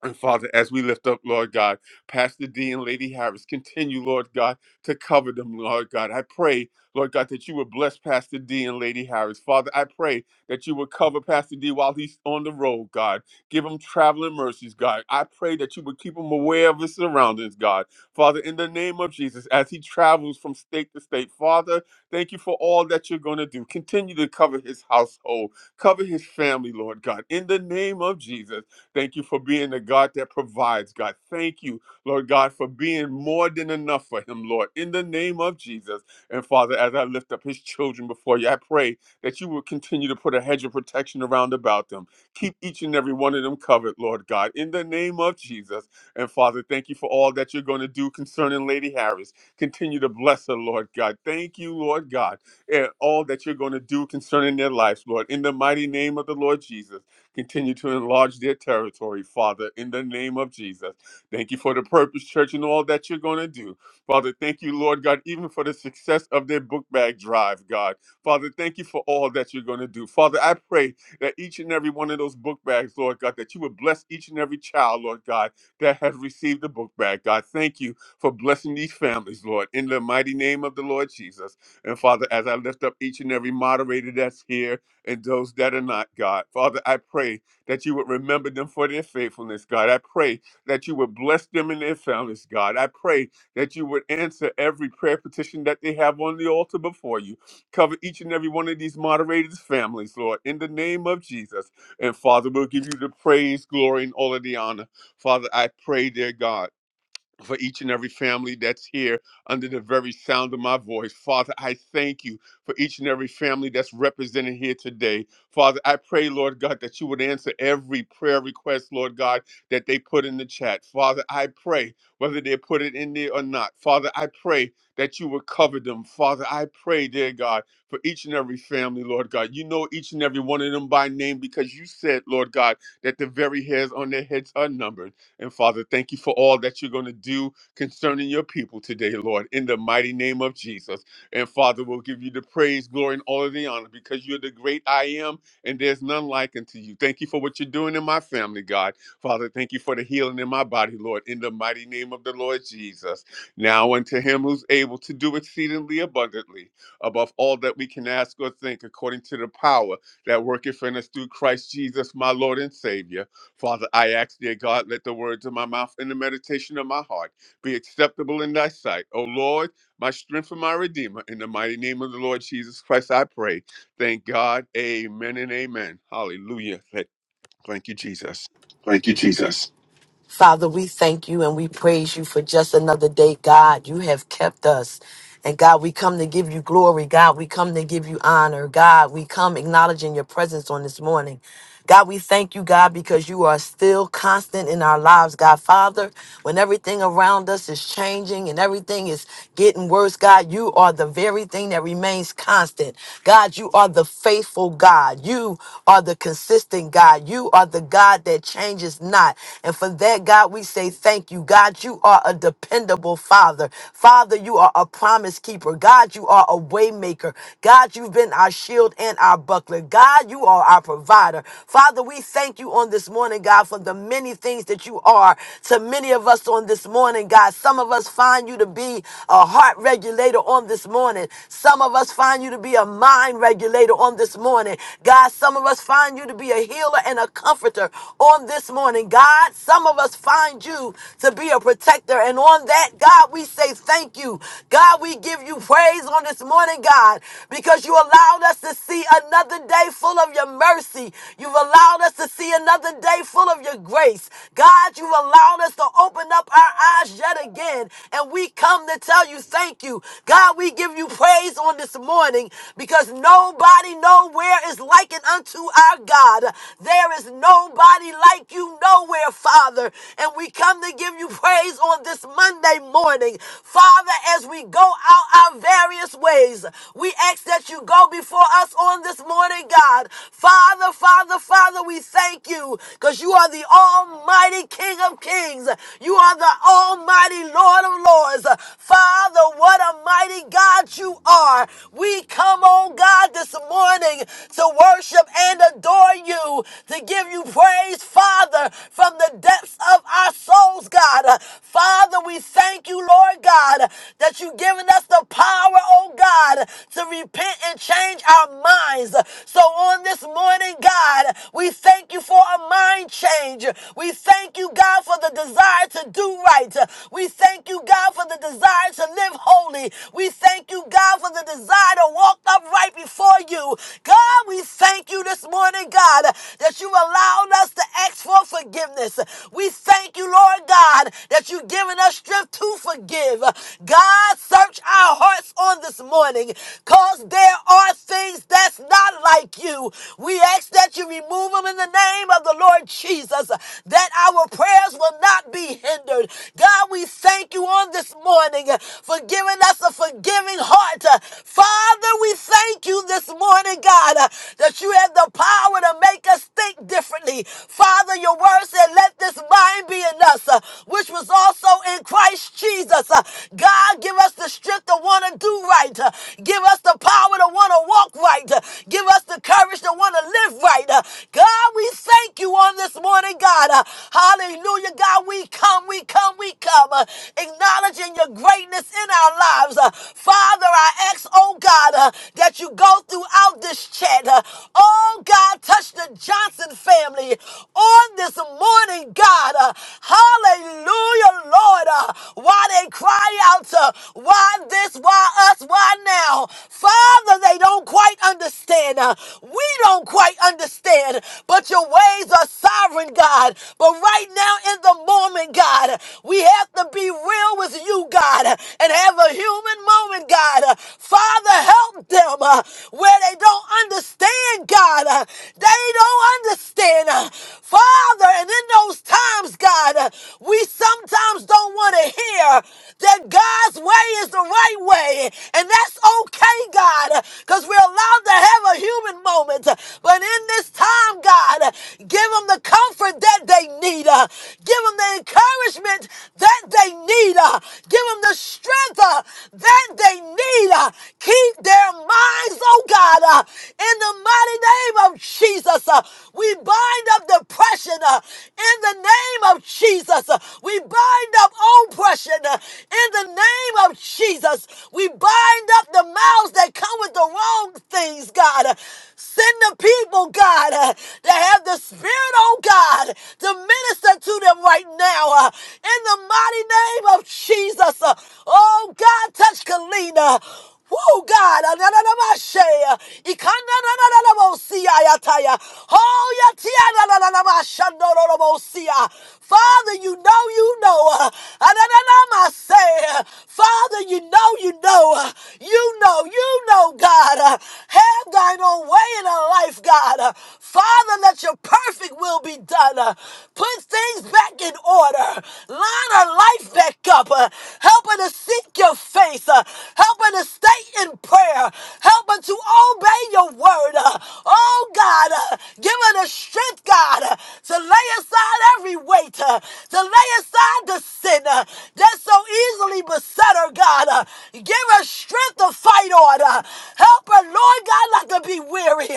And Father, as we lift up, Lord God, Pastor D and Lady Harris, continue, Lord God, to cover them, Lord God. I pray, Lord God, that you would bless Pastor D and Lady Harris. Father, I pray that you would cover Pastor D while he's on the road, God. Give him traveling mercies, God. I pray that you would keep him aware of his surroundings, God. Father, in the name of Jesus, as he travels from state to state, Father, thank you for all that you're going to do. Continue to cover his household, cover his family, Lord God. In the name of Jesus. Thank you for being the God that provides, God. Thank you, Lord God, for being more than enough for him, Lord, in the name of Jesus. And Father, as I lift up his children before you, I pray that you will continue to put a hedge of protection around about them. Keep each and every one of them covered, Lord God, in the name of Jesus. And Father, thank you for all that you're going to do concerning Lady Harris. Continue to bless her, Lord God. Thank you, Lord God, and all that you're going to do concerning their lives, Lord, in the mighty name of the Lord Jesus. Continue to enlarge their territory, Father, in the name of Jesus. Thank you for the purpose, church, and all that you're going to do. Father, thank you, Lord God, even for the success of their book bag drive, God. Father, thank you for all that you're going to do. Father, I pray that each and every one of those book bags, Lord God, that you would bless each and every child, Lord God, that has received the book bag, God. Thank you for blessing these families, Lord, in the mighty name of the Lord Jesus. And Father, as I lift up each and every moderator that's here, and those that are not, God. Father, I pray that you would remember them for their faithfulness, God. I pray that you would bless them and their families, God. I pray that you would answer every prayer petition that they have on the altar before you. Cover each and every one of these moderators' families, Lord, in the name of Jesus. And Father, we'll give you the praise, glory, and all of the honor. Father, I pray, dear God for each and every family that's here under the very sound of my voice. Father, I thank you for each and every family that's represented here today. Father, I pray, Lord God, that you would answer every prayer request, Lord God, that they put in the chat. Father, I pray, whether they put it in there or not, Father, I pray that you would cover them. Father, I pray, dear God, for each and every family, Lord God. You know each and every one of them by name because you said, Lord God, that the very hairs on their heads are numbered. And Father, thank you for all that you're going to do concerning your people today, Lord, in the mighty name of Jesus. And Father, we'll give you the praise, glory, and all of the honor because you're the great I am, and there's none like unto you. Thank you for what you're doing in my family, God. Father, thank you for the healing in my body, Lord, in the mighty name of the Lord Jesus. Now unto him who's able to do exceedingly abundantly above all that we can ask or think, according to the power that worketh in us through Christ Jesus, my Lord and Savior. Father, I ask, dear God, let the words of my mouth and the meditation of my heart be acceptable in thy sight. O Lord, my strength and my redeemer, in the mighty name of the Lord Jesus Christ, I pray. Thank God. Amen and amen. Hallelujah. Thank thank you, Jesus.
Thank you, Jesus. Father, we thank you and we praise you for just another day, God. You have kept us. And God, we come to give you glory. God, we come to give you honor. God, we come acknowledging your presence on this morning. God, we thank you, God, because you are still constant in our lives, God. Father, when everything around us is changing and everything is getting worse, God, you are the very thing that remains constant. God, you are the faithful God. You are the consistent God. You are the God that changes changes not. And for that, God, we say thank you. God, you are a dependable Father. Father, you are a promise keeper. God, you are a way maker. God, you've been our shield and our buckler. God, you are our provider. Father, we thank you on this morning, God, for the many things that you are to many of us on this morning, God. Some of us find you to be a heart regulator on this morning. Some of us find you to be a mind regulator on this morning. God, some of us find you to be a healer and a comforter comforter on this morning. God, some of us find you to be a protector. And on that, God, we say thank you. God, we give you praise on this morning, God, because you allowed us to see another day full of your mercy. You've allowed us to see another day full of your grace. God, you've allowed us to open up our eyes yet again. And we come to tell you thank you. God, we give you praise on this morning because nobody nowhere is likened unto our God. God. There is nobody like you nowhere, Father. And we come to give you praise on this Monday morning. Father, as we go out our various ways, we ask that you go before us on this morning, God. Father, Father, Father, we thank you because you are the Almighty King of Kings. You are the Almighty Lord of Lords. Father, what a mighty God you are. We come, oh God, this morning to worship worship and adore you, to give you praise, Father, from the depths of our souls, God. Uh, Father, we thank you, Lord God, that you've given us the power, oh God, to repent and change our minds. So on this morning, God, we thank you for a mind change. We thank you, God, for the desire to do right. We thank you, God, for the desire to live holy. We thank you, God, for the desire to walk upright before you you. God, we thank you this morning, God, that you allowed us to ask for forgiveness. We thank you, Lord God, that you've given us strength to forgive. God, search our hearts on this morning, cause there are things that's not like you. We ask that you remove them in the name of the Lord Jesus, that our prayers will not be hindered. God, we thank you on this morning for giving us a forgiving heart. Father, we thank you this morning, God, uh, that you have the power to make us think differently. Father, your word said, let this mind be in us, uh, which was also in Christ Jesus. Uh, God, give us the strength to want to do right. Uh, give us the power to want to walk right. Uh, Give us the courage to want to live right. Uh, God, we thank you on this morning, God. Uh, Hallelujah, God. We come, we come, we come, uh, acknowledging your greatness in our lives. Uh, Father, I ask, oh God, uh, that you go throughout this chat. Uh, oh God, touch the Johnson family on this morning, God. Uh, hallelujah, Lord. Uh, why they cry out, uh, why this, why us, why now? Father, they don't quite understand. uh, We don't quite understand, but your ways are sovereign, God. But right now, in the moment, God, we have to be real with you, God, and have a human moment, God. Father, help them uh, where they don't understand, God. Uh, They don't understand. uh, Father, and in those times, God, uh, we sometimes don't want to hear that God's way is the right way. And that's okay, God, because we're we're allowed to have a human moment. But in this time, God, give them the comfort that they need. uh, Give them the encouragement that they need. uh, Give them the strength uh, that they need. uh, Keep their minds, oh God, uh, in the mighty name of Jesus. uh, We bind up depression uh, in the name of Jesus. uh, We bind up oppression uh, in the name of Jesus. We bind up the mouths that come with the the wrong things, God. Uh, Send the people, God, uh, that have the Spirit, oh God, to minister to them right now. uh, In the mighty name of Jesus. Uh, Oh God, touch Kalina. Woo, God, ananamashaya, ikananananamosia, oh, yatianananamashandoromosia. Father, you know, you know, anananamasaya. Father, you know, you know, you know, you know know, God, uh, have thine own way in our life, God. Uh, Father, let your perfect will be done. Uh, Put things back in order. Line our life back up. Uh, Help her to seek your face. Uh, Help her to stay in prayer. Help her to obey your word. Uh, Oh, God, uh, give her the strength, God, uh, to lay aside every weight, uh, to lay aside the sin uh, that so easily beset her, God. Uh, Give her strength to fight on. Lord. Uh, Help her, Lord God, not to be weary.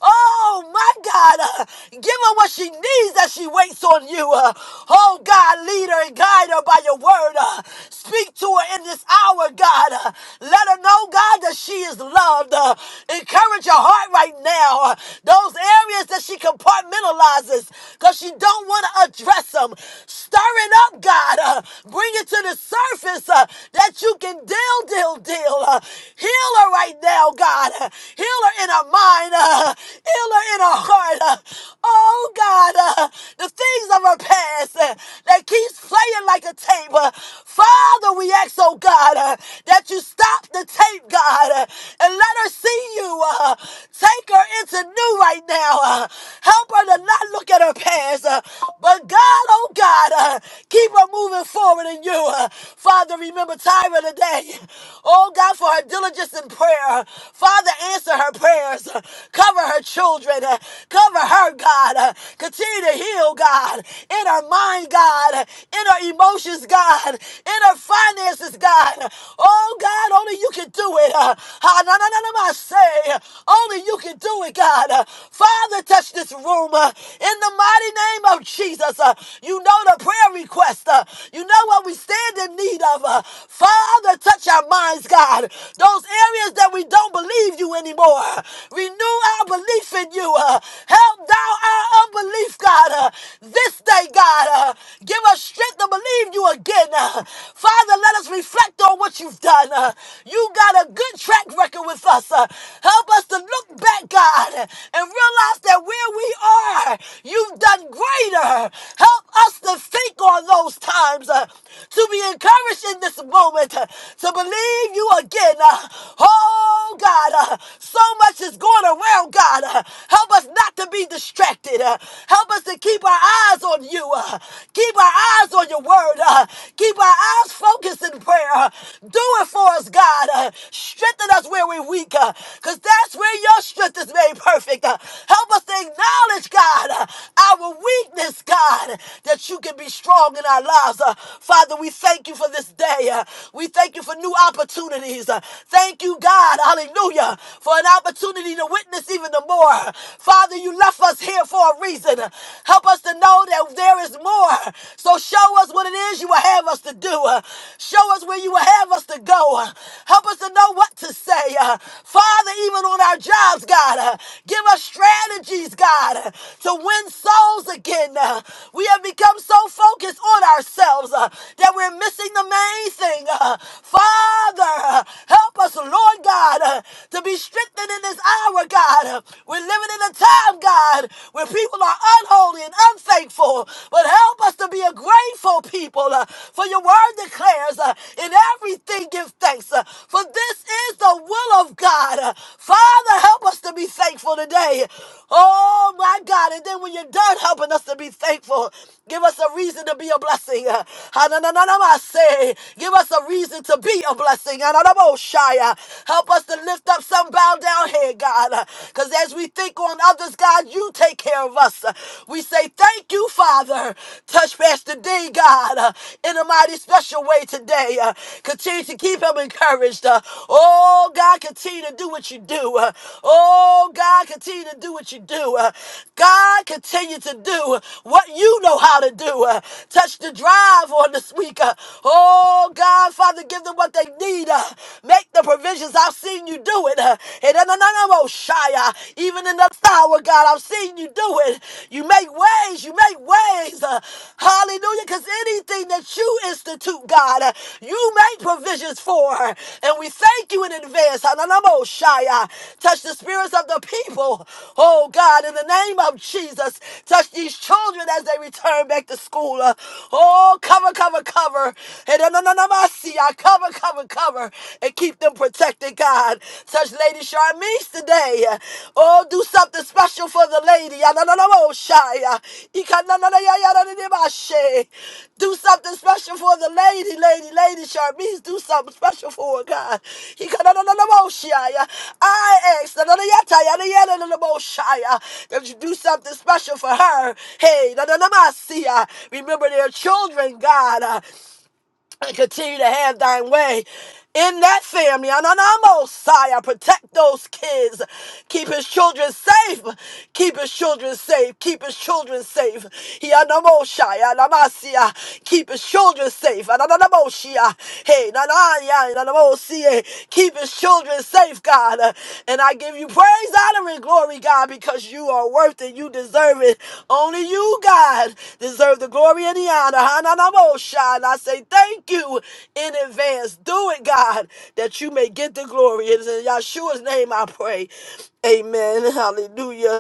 Oh, my God. Uh, Give her what she needs as she waits on you. Uh, Oh, God, lead her and guide her by your word. Uh, Speak to her in this hour, God. Uh, Let her know, God, that she is loved. Uh, Encourage her heart right now. Uh, Those areas that she compartmentalizes because she don't want to address them. Stir it up, God. Uh, Bring it to the surface uh, that you can deal, deal, deal. Uh, Heal her right now, God. Heal her in her mind. uh, Heal her in her heart. uh, Oh, God. uh, The things of her past uh, that keeps playing like a tape. uh, Father, we ask, oh, God, uh, that you stop the tape, God, uh, and let her see you. uh, Take her into new right now. uh, Help her to not look at her past. uh, But God, oh, God, uh, keep her moving forward in you. uh, Father, remember Tyra today. Oh, God. God, for her diligence in prayer. Father, answer her prayers. Cover her children. Cover her, God. Continue to heal, God, in her mind, God, in her emotions, God, in her finances, God. Oh, God, only you can do it. Ah, na, na, na, I say, only you can do it, God. Father, touch this room uh, in the mighty name of Jesus. Uh, You know the prayer request. uh, You know what we stand in need of. uh, Father, touch our minds lives, God. Those areas that we don't believe you anymore. Renew our belief in you. Uh, help thou our unbelief, God. Uh, this day, God, uh, give us strength to believe you again. Uh, Father, let us reflect on what you've done. Uh, you got a good track record with us. Uh, help us to look back, God, and realize that where we are, you've done greater. Help us to think on those times, uh, to be encouraged in this moment, uh, to believe believe you again. Uh, Oh, God, uh, so much is going around, God. Uh, Help us not to be distracted. Uh, Help us to keep our eyes on you. Uh, Keep our eyes on your word. Uh, Keep our eyes focused in prayer. Uh, Do it for us, God. Uh, Strengthen us where we're weak, because that's where your strength is made perfect. Uh, Help us to acknowledge, God, uh, our weakness, God, that you can be strong in our lives. Uh, Father, we thank you for this day. Uh, We thank Thank you for new opportunities. Uh, Thank you, God, hallelujah, for an opportunity to witness even the more. Father, you left us here for a reason. Uh, Help us to know that there is more. So show us what it is you will have us to do. Uh, Show us where you will have us to go. Uh, Help us to know what to say. Uh, Father, even on our jobs, God, uh, give us strategies, God, uh, to win souls again. Uh, We have become so focused on ourselves uh, that we're missing the main thing. Father, help us, Lord God, to be strengthened in this hour, God. We're living in a time, God, where people are unholy and unthankful, but help us to be a grateful people. uh, For your word declares, uh, in everything give thanks, uh, for this is the will of God. Uh, Father, help us to be thankful today. Oh, my God. And then when you're done helping us to be thankful, give us a reason to be a blessing. Uh, Give Give us a reason to be a blessing. Shia. Help us to lift up some bow down here, God. Because as we think on others, God, you take care of us. We say thank you, Father. Touch Pastor D, God, uh, in a mighty special way today. Uh, Continue to keep him encouraged. Uh, Oh, God, continue to do what you do. Uh, Oh, God, continue to do what you do. Uh, God, continue to do what you know how to do. Uh, Touch the drive on this week. Uh, Oh, Oh, God, Father, give them what they need. uh, Make the provisions. I've seen you do it. uh, And uh, no, no, no, no, Shia. Even in the hour, God, I've seen you do it. You make ways. You make ways. uh, Hallelujah. Because anything that you institute, God, uh, you make provisions for. And we thank you in advance. Uh, No, no, no, Shia. Touch the spirits of the people. Oh, God, in the name of Jesus, touch these children as they return back to school. Uh, Oh, cover, cover, cover. Hedananamasiya. Cover, cover, cover, and keep them protected, God. Touch Lady Charmise today. Oh, do something special for the lady. Yanananamoshaya. Ikanananayayanananimashe. Do something special for the lady, lady, lady Charmise. Do something special for her, God. Ikanananamoshaya. I ask nananayatayanayanamoshaya, that you do something special for her. Hey, nananamasiya. remember their children, God. yeah and continue to have thine way in that family. Ananamo, Sire, protect those kids. Keep his children safe. Keep his children safe. Keep his children safe. Yanamo, Shia, Namasia. Keep his children safe. Ananamo, Shia. Hey, Nanaya, Nanamo, Sie. Keep his children children safe, God. Uh, And I give you praise, honor, and glory, God, because you are worth it. You deserve it. Only you, God, deserve the glory and the honor. Hananamosha. And I say thank you in advance. Do it, God, that you may get the glory. It is in Yahshua's name I pray. Amen. Hallelujah.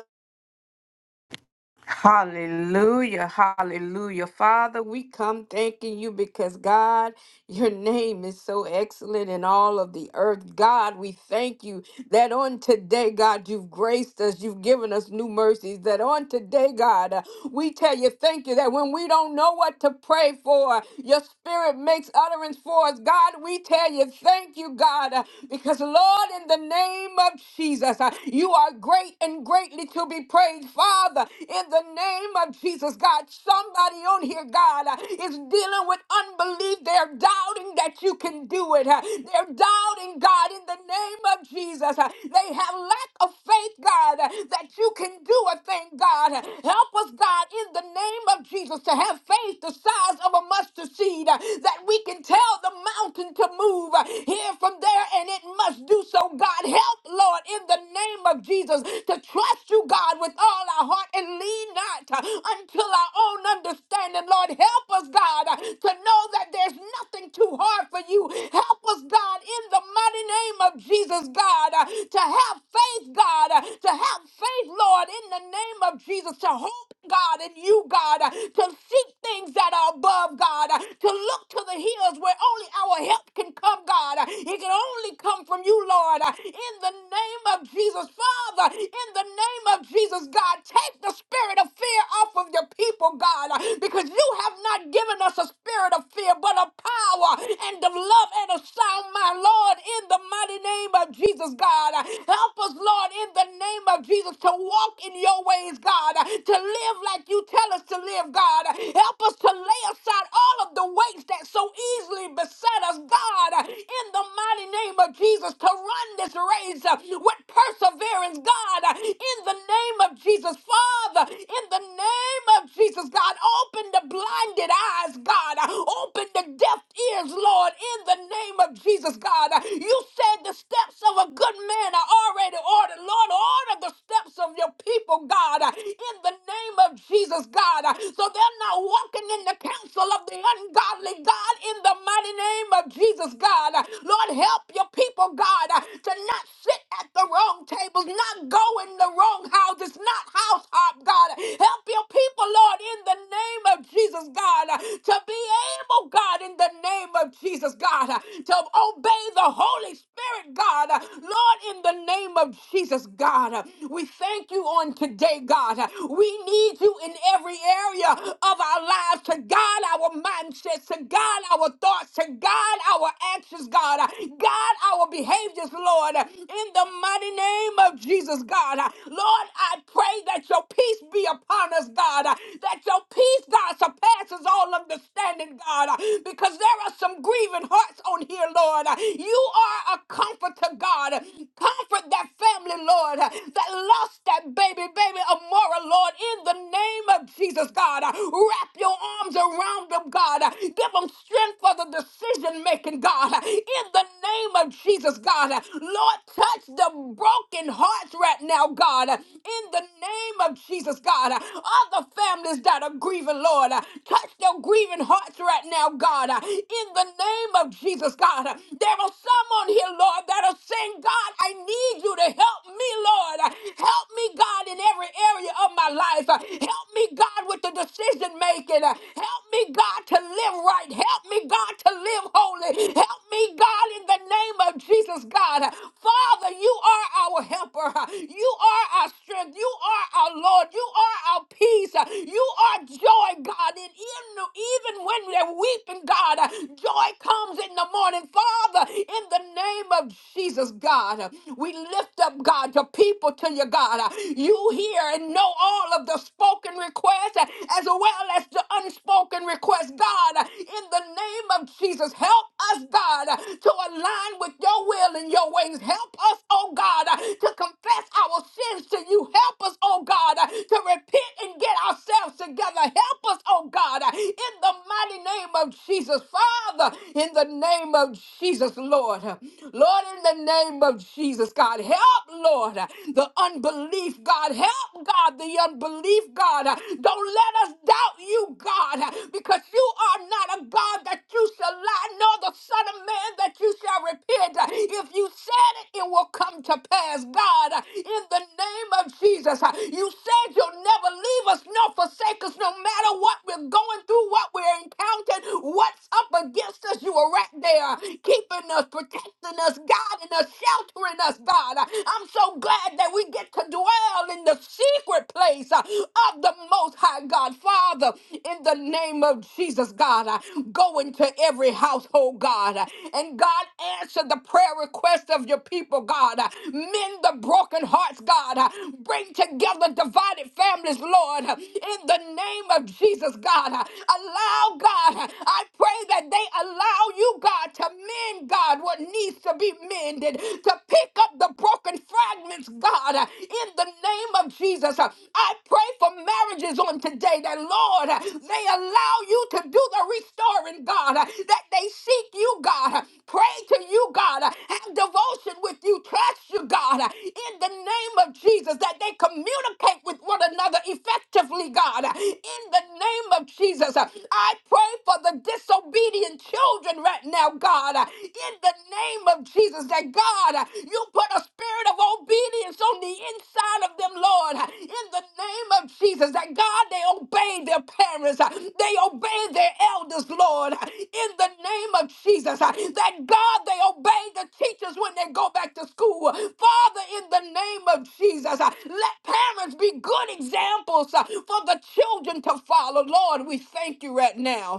Hallelujah, hallelujah. Father, we come thanking you because God, your name is so excellent in all of the earth. God, we thank you that on today, God, you've graced us, you've given us new mercies. That on today, God, uh, we tell you thank you that when we don't know what to pray for, your spirit makes utterance for us. God, we tell you thank you, God, uh, because Lord, in the name of Jesus, uh, you are great and greatly worthy to be praised, Father. In the name of Jesus, God, somebody on here, God, uh, is dealing with unbelief. They're doubting that you can do it. uh, They're doubting, God, in the name of Jesus. uh, They have lack of faith, God, uh, that you can do a thing, God. Uh, Help us, God, in the name of Jesus, to have faith the size of a mustard seed uh, that we can tell the mountain to move uh, here from there and it must do so, God. Help, Lord, in the name name of Jesus to trust you, God, with all our heart and lean not uh, until our own understanding. Lord, help us, God, uh, to know that there's nothing too hard for you. Help us, God, in the mighty name of Jesus, God, uh, to have faith, God, uh, to have faith, Lord, in the name of Jesus, to hope, God, in you, God, uh, to seek things that are above, God, uh, to look to the hills where only our help can come, God. Uh, It can only come from you, Lord. Lord, uh, in the name of Jesus. Father, in the name of Jesus, God, take the spirit of fear off of your people, God, uh, because you have not given us a spirit of fear, but of power and of love and of sound, my Lord, in the mighty name of Jesus, God. uh, Help us, Lord, in the name of Jesus, to walk in your ways, God, uh, to live like you tell us to live, God. uh, Help us to lay aside all of the weights that so easily beset us, God, uh, in in the mighty name of Jesus to run this race uh, with perseverance, God, uh, in the name of Jesus, Father, in the name of Jesus, God, open the blinded eyes, God, uh, open the deaf ears, Lord, in the name of Jesus, God. Uh, You said the steps of a good man are already ordered, Lord, order the steps steps of your people, God, uh, in the name of Jesus, God. uh, So they're not walking in the counsel of the ungodly, God, in the mighty name of Jesus, God. Uh, Lord, help your people, God, uh, to not sit at the wrong tables, not go in the wrong houses, not house hop, God. uh, Help your people, Lord, in the name of Jesus, God, uh, to be able, God, in the name of Jesus, God, uh, to obey the Holy Spirit, God. Uh, Lord, in the name of Jesus, God. We thank you on today, God. We need you in every area of our lives to God, our mindsets, to God, our thoughts, to God, our actions, God. God, our behaviors, Lord, in the mighty name of Jesus, God. Lord, I pray that your peace be upon us, God. That your peace, God, surpasses all understanding, God, because there are some grieving hearts on here, Lord. You are a comforter, God. Comfort of that family, Lord, uh, that lost that baby, baby Amora, Lord, in the name of Jesus, God. Uh, Wrap your arms around them, God. Uh, Give them strength for the decision making, God. Uh, In the name of Jesus, God. Uh, Lord, touch the broken hearts right now, God. Uh, In the name of Jesus, God. Uh, Other families that are grieving, Lord, uh, touch their grieving hearts right now, God. Uh, In the name of Jesus, God. Uh, There are some on here, Lord, that are saying, God, God, I need you to help me, Lord. Help me, God, in every area of my life. Help me, God, with the decision making. Help me, God, to live right. Help me, God, to live holy. Help me, God, in the name of Jesus, God. Father, you are our helper. You are our strength. You are our Lord. You are our peace. You are joy, God. And even even when they're weeping, God, joy comes in the morning. Father, in the name of of Jesus, God. We lift up, God, the people to you, God. You hear and know all of the spoken requests uh, as well as the unspoken requests, God. In the name of Jesus, help us, God, uh, to align with your will and your ways. Help us, oh God, uh, to confess our sins to you. Help us, oh God, uh, to repent and get ourselves together. Help us, oh God, uh, in the mighty name of Jesus, Father, in the name of Jesus, Lord. Lord. Lord, in the name of Jesus, God, help, Lord, the unbelief, God, help, God, the unbelief, God. Don't let us doubt you, God, because you are not a God that you shall lie, nor the Son of Man that you shall repent. If you said it, it will come to pass, God, in the name of Jesus. You said you'll never leave us nor forsake us, no matter what we're going through, what we're encountering, what's up against us. You are right there keeping us, protecting us, guiding us, sheltering us, God. I'm so glad that we get to dwell in the secret place uh, of the Most High God. Father, in the name of Jesus, God, uh, go into every household, God, uh, and God, answer the prayer request of your people, God. Uh, Mend the broken hearts, God. Uh, Bring together divided families, Lord, uh, in the name of Jesus, God. Uh, Allow, God, uh, I pray that they allow allow you, God, to mend, God, what needs to be mended, to pick up the broken fragments, God, uh, in the name of Jesus. Uh, I pray for marriages on today that, Lord, uh, they allow you to do the restoring, God, uh, that they seek you, God, uh, pray to you, God, uh, have devotion with you, trust you, God, uh, in the name of Jesus, that they communicate with one another effectively, God, uh, in the name of Jesus. Uh, I pray for the disobedient disobedient children right now, God, uh, in the name of Jesus, that God, uh, you put a spirit of obedience on the inside of them, Lord, uh, in the name of Jesus, that God, they obey their parents, uh, they obey their elders, Lord, uh, in the name of Jesus, uh, that God, they obey the teachers when they go back to school. Father, in the name of Jesus, uh, let parents be good examples uh, for the children to follow. Lord, we thank you right now.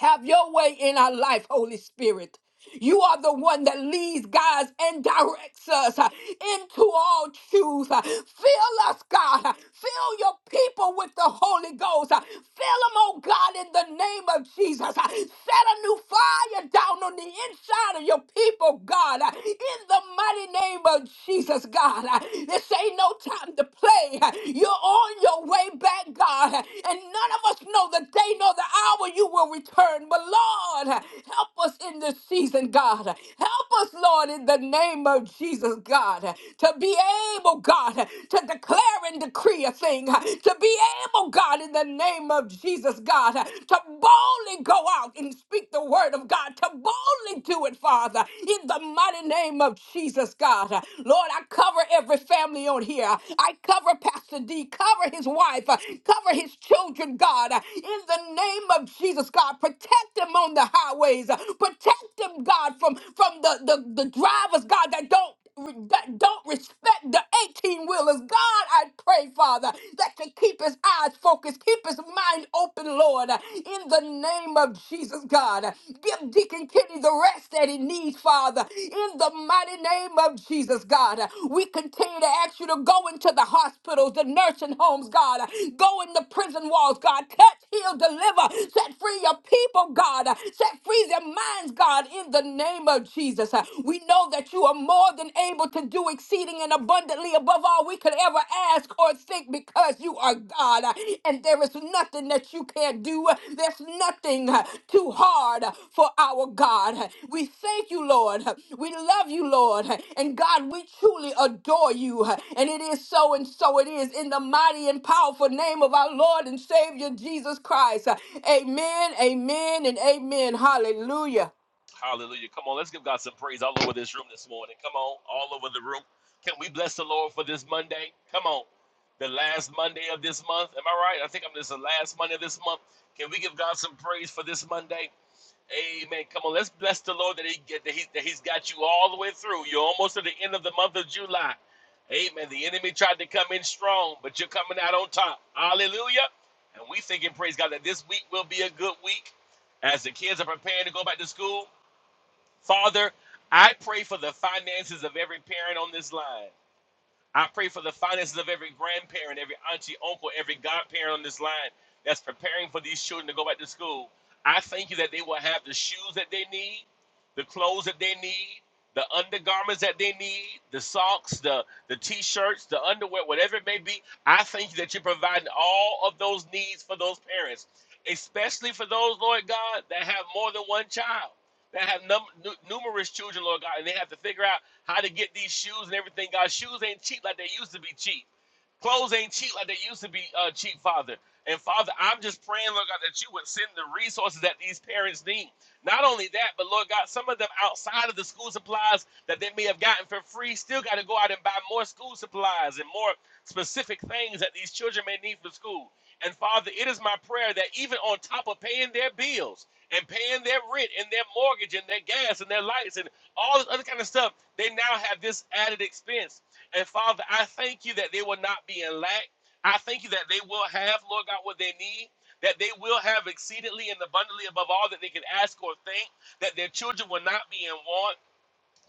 Have your way in our life, Holy Spirit. You are the one that leads, guides, and directs us uh, into all truth. uh. Fill us, God. uh, Fill your people with the Holy Ghost. uh. Fill them, oh God, in the name of Jesus. uh. Set a new fire down on the inside of your people, God. uh, In the mighty name of Jesus, God. Uh, This ain't no time to play. You're on your way back, God. And none of us know the day nor the hour you will return. But Lord, help us in this season, God. Help us, Lord, in the name of Jesus, God, to be able, God, to declare and decree a thing. To be able, God, in the name of Jesus, God, to boldly go out and speak the word of God. To boldly do it, Father. in in the mighty name of Jesus, God. Lord, I cover every family on here. I cover Pastor D, cover his wife, cover his children, God. In the name of Jesus, God, protect them on the highways. Protect them, God, from, from the, the, the drivers, God, that don't that don't respect the 18 wheelers. God, I pray, Father, that you keep his eyes focused, keep his mind open, Lord, in the name of Jesus, God. Give Deacon Kenny the rest that he needs, Father, in the mighty name of Jesus, God. We continue to ask you to go into the hospitals, the nursing homes, God. Go in the prison walls, God. Touch, heal, deliver. Set free your people, God. Set free their minds, God, in the name of Jesus. Jesus. Uh, We know that you are more than able to do exceeding and abundantly above all we could ever ask or think because you are God. Uh, And there is nothing that you can't do. Uh, There's nothing uh, too hard uh, for our God. Uh, We thank you, Lord. Uh, We love you, Lord. Uh, And God, we truly adore you. Uh, And it is so and so it is in the mighty and powerful name of our Lord and Savior Jesus Christ. Uh, Amen, amen, and amen. Hallelujah.
Hallelujah. Come on. Let's give God some praise all over this room this morning. Come on. All over the room. Can we bless the Lord for this Monday? Come on. The last Monday of this month. Am I right? I think I'm this is the last Monday of this month. Can we give God some praise for this Monday? Amen. Come on, let's bless the Lord that He get that, he, that He's got you all the way through. You're almost at the end of the month of July. Amen. The enemy tried to come in strong, but you're coming out on top. Hallelujah. And we thinking, praise God, that this week will be a good week as the kids are preparing to go back to school. Father, I pray for the finances of every parent on this line. I pray for the finances of every grandparent, every auntie, uncle, every godparent on this line that's preparing for these children to go back to school. I thank you that they will have the shoes that they need, the clothes that they need, the undergarments that they need, the socks, the, the t shirts, the underwear, whatever it may be. I thank you that you're providing all of those needs for those parents, especially for those, Lord God, that have more than one child, that have num- numerous children, Lord God, and they have to figure out how to get these shoes and everything. God, shoes ain't cheap like they used to be cheap. Clothes ain't cheap like they used to be uh, cheap, Father. And Father, I'm just praying, Lord God, that you would send the resources that these parents need. Not only that, but Lord God, some of them outside of the school supplies that they may have gotten for free still got to go out and buy more school supplies and more specific things that these children may need for school. And Father, it is my prayer that even on top of paying their bills and paying their rent and their mortgage and their gas and their lights and all this other kind of stuff, they now have this added expense. And Father, I thank you that they will not be in lack. I thank you that they will have, Lord God, what they need, that they will have exceedingly and abundantly above all that they can ask or think, that their children will not be in want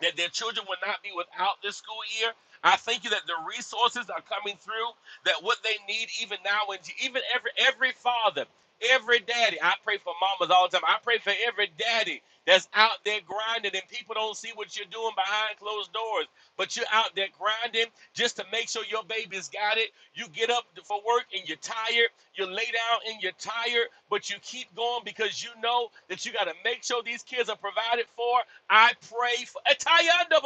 that their children will not be without this school year. I thank you that the resources are coming through, that what they need even now, and even every every father, every daddy. I pray for mamas all the time. I pray for every daddy that's out there grinding, and people don't see what you're doing behind closed doors, but you're out there grinding just to make sure your baby's got it. You get up for work and you're tired. You lay down and you're tired, but you keep going because you know that you got to make sure these kids are provided for I pray for Atayanda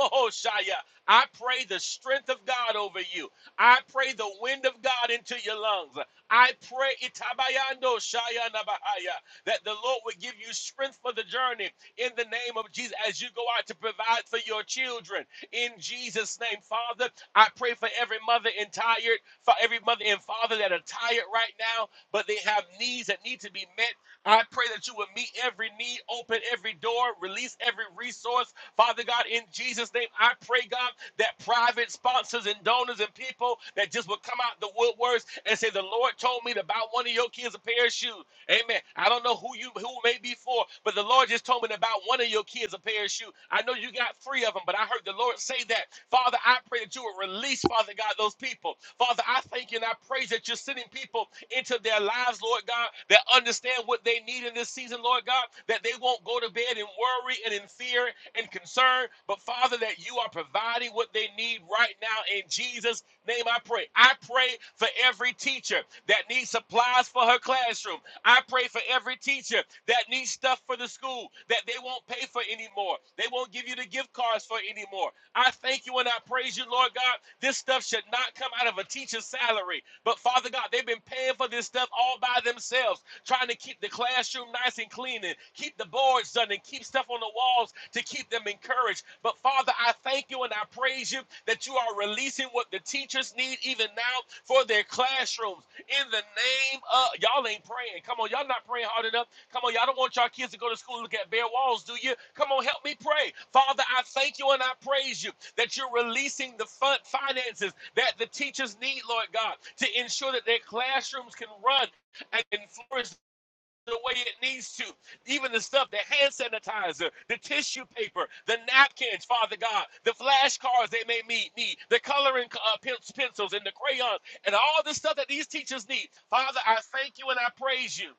I pray the strength of God over you. I pray the wind of God into your lungs. I pray Itabayando Shaya Nabahaya that the Lord would give you strength for the journey in the name of Jesus as you go out to provide for your children. In Jesus' name, Father, I pray for every mother and tired, for every mother and father that are tired right now, but they have needs that need to be met I pray that you would meet every need, open every door, release every resource. Father God, in Jesus' name, I pray, God, that private sponsors and donors and people that just would come out the woodworks and say, The Lord told me to buy one of your kids a pair of shoes. Amen. I don't know who you who it may be for, but the Lord just told me about one of your kids a pair of shoes. I know you got three of them, but I heard the Lord say that. Father, I pray that you would release, Father God, those people. Father, I thank you and I praise that you're sending people into their lives, Lord God, that understand what they need in this season, Lord God, that they won't go to bed in worry and in fear and concern, but Father, that you are providing what they need right now in Jesus' Jesus' name I pray. I pray for every teacher that needs supplies for her classroom. I pray for every teacher that needs stuff for the school that they won't pay for anymore. They won't give you the gift cards for anymore. I thank you and I praise you, Lord God. This stuff should not come out of a teacher's salary. But Father God, they've been paying for this stuff all by themselves, trying to keep the classroom nice and clean and keep the boards done and keep stuff on the wall walls to keep them encouraged. But Father, I thank you and I praise you that you are releasing what the teachers need even now for their classrooms. In the name of y'all ain't praying. Come on, y'all not praying hard enough. Come on, y'all don't want y'all kids to go to school and look at bare walls, do you? Come on, help me pray. Father, I thank you and I praise you that you're releasing the fund finances that the teachers need, Lord God, to ensure that their classrooms can run and flourish the way it needs to. Even the stuff, the hand sanitizer, the tissue paper, the napkins, Father God, the flashcards they may me- need, the coloring uh, pen- pencils and the crayons, and all the stuff that these teachers need. Father, I thank you and I praise you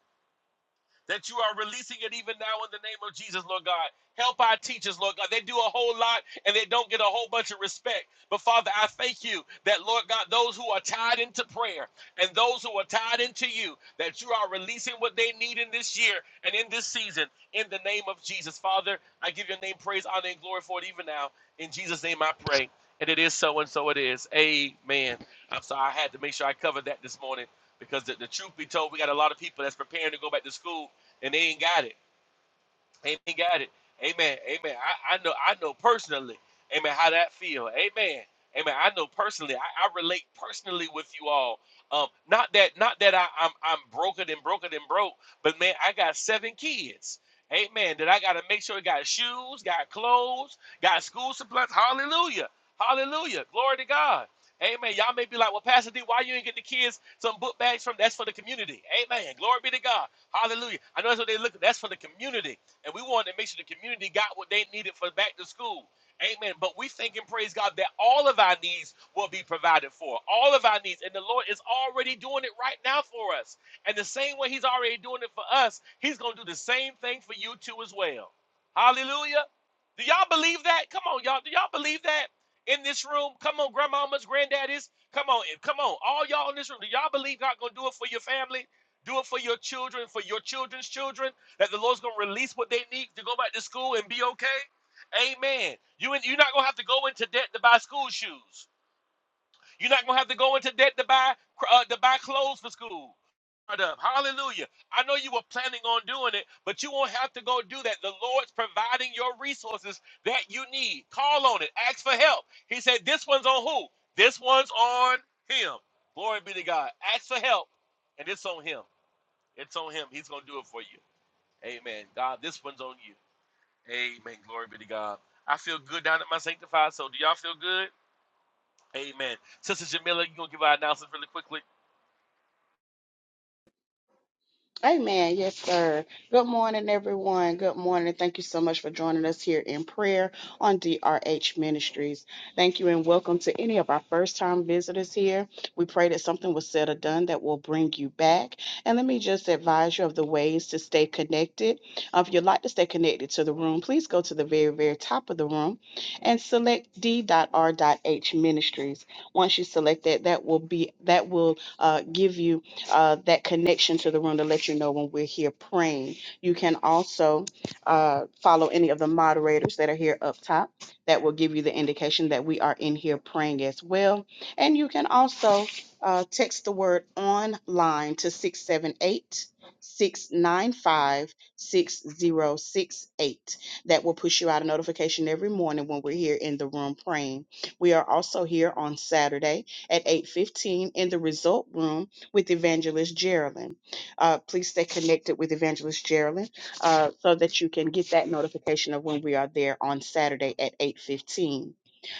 that you are releasing it even now in the name of Jesus, Lord God. Help our teachers, Lord God. They do a whole lot and they don't get a whole bunch of respect. But Father, I thank you that, Lord God, those who are tied into prayer and those who are tied into you, that you are releasing what they need in this year and in this season in the name of Jesus. Father, I give your name praise, honor, and glory for it even now. In Jesus' name I pray. And it is so and so it is. Amen. I'm sorry I had to make sure I covered that this morning because the, the truth be told, we got a lot of people that's preparing to go back to school and they ain't got it. Amen. Got it. Amen. Amen. I, I know I know personally, amen, how that feel. Amen. Amen. I know personally. I, I relate personally with you all. Um, not that not that I, I'm I'm broken and broken and broke, but man, I got seven kids. Amen. That I gotta make sure it got shoes, got clothes, got school supplies. Hallelujah. Hallelujah. Glory to God. Amen. Y'all may be like, well, Pastor D, why you ain't get the kids some book bags from? That's for the community. Amen. Glory be to God. Hallelujah. I know that's what they look. That's for the community and we wanted to make sure the community got what they needed for back to school. Amen. But we thank and praise God that all of our needs will be provided for. All of our needs. And the Lord is already doing it right now for us. And the same way He's already doing it for us, He's going to do the same thing for you too as well. Hallelujah. Do y'all believe that? Come on, y'all. Do y'all believe that in this room? Come on, grandmamas, granddaddies. Come on, come on. All y'all in this room. Do y'all believe God gonna do it for your family? Do it for your children, for your children's children that the Lord's gonna release what they need to go back to school and be okay. Amen. You you're not gonna have to go into debt to buy school shoes. You're not gonna have to go into debt to buy uh, to buy clothes for school. Right Hallelujah. I know you were planning on doing it, but you won't have to go do that. The Lord's providing your resources that you need. Call on it. Ask for help. He said, This one's on who? This one's on him. Glory be to God. Ask for help, and it's on him. It's on him. He's going to do it for you. Amen. God, this one's on you. Amen. Glory be to God. I feel good down at my sanctified. So do y'all feel good? Amen. Sister Jamila, you gonna give our announcements really quickly?
Amen. Yes, sir. Good morning, everyone. Good morning. Thank you so much for joining us here in prayer on DRH Ministries. Thank you and welcome to any of our first time visitors here. We pray that something was said or done that will bring you back. And let me just advise you of the ways to stay connected. Uh, If you'd like to stay connected to the room, please go to the very, very top of the room and select D.R.H Ministries. Once you select that, that will be that will uh, give you uh, that connection to the room to let you know when we're here praying. You can also uh, follow any of the moderators that are here up top. That will give you the indication that we are in here praying as well. And you can also uh, text the word online to 678 695 6068. That will push you out a notification every morning when we're here in the room praying. We are also here on Saturday at 8:15 in the result room connect with Evangelist Geraldine. Uh, please stay connected with Evangelist Geraldine uh, so that you can get that notification of when we are there on Saturday at 8.15.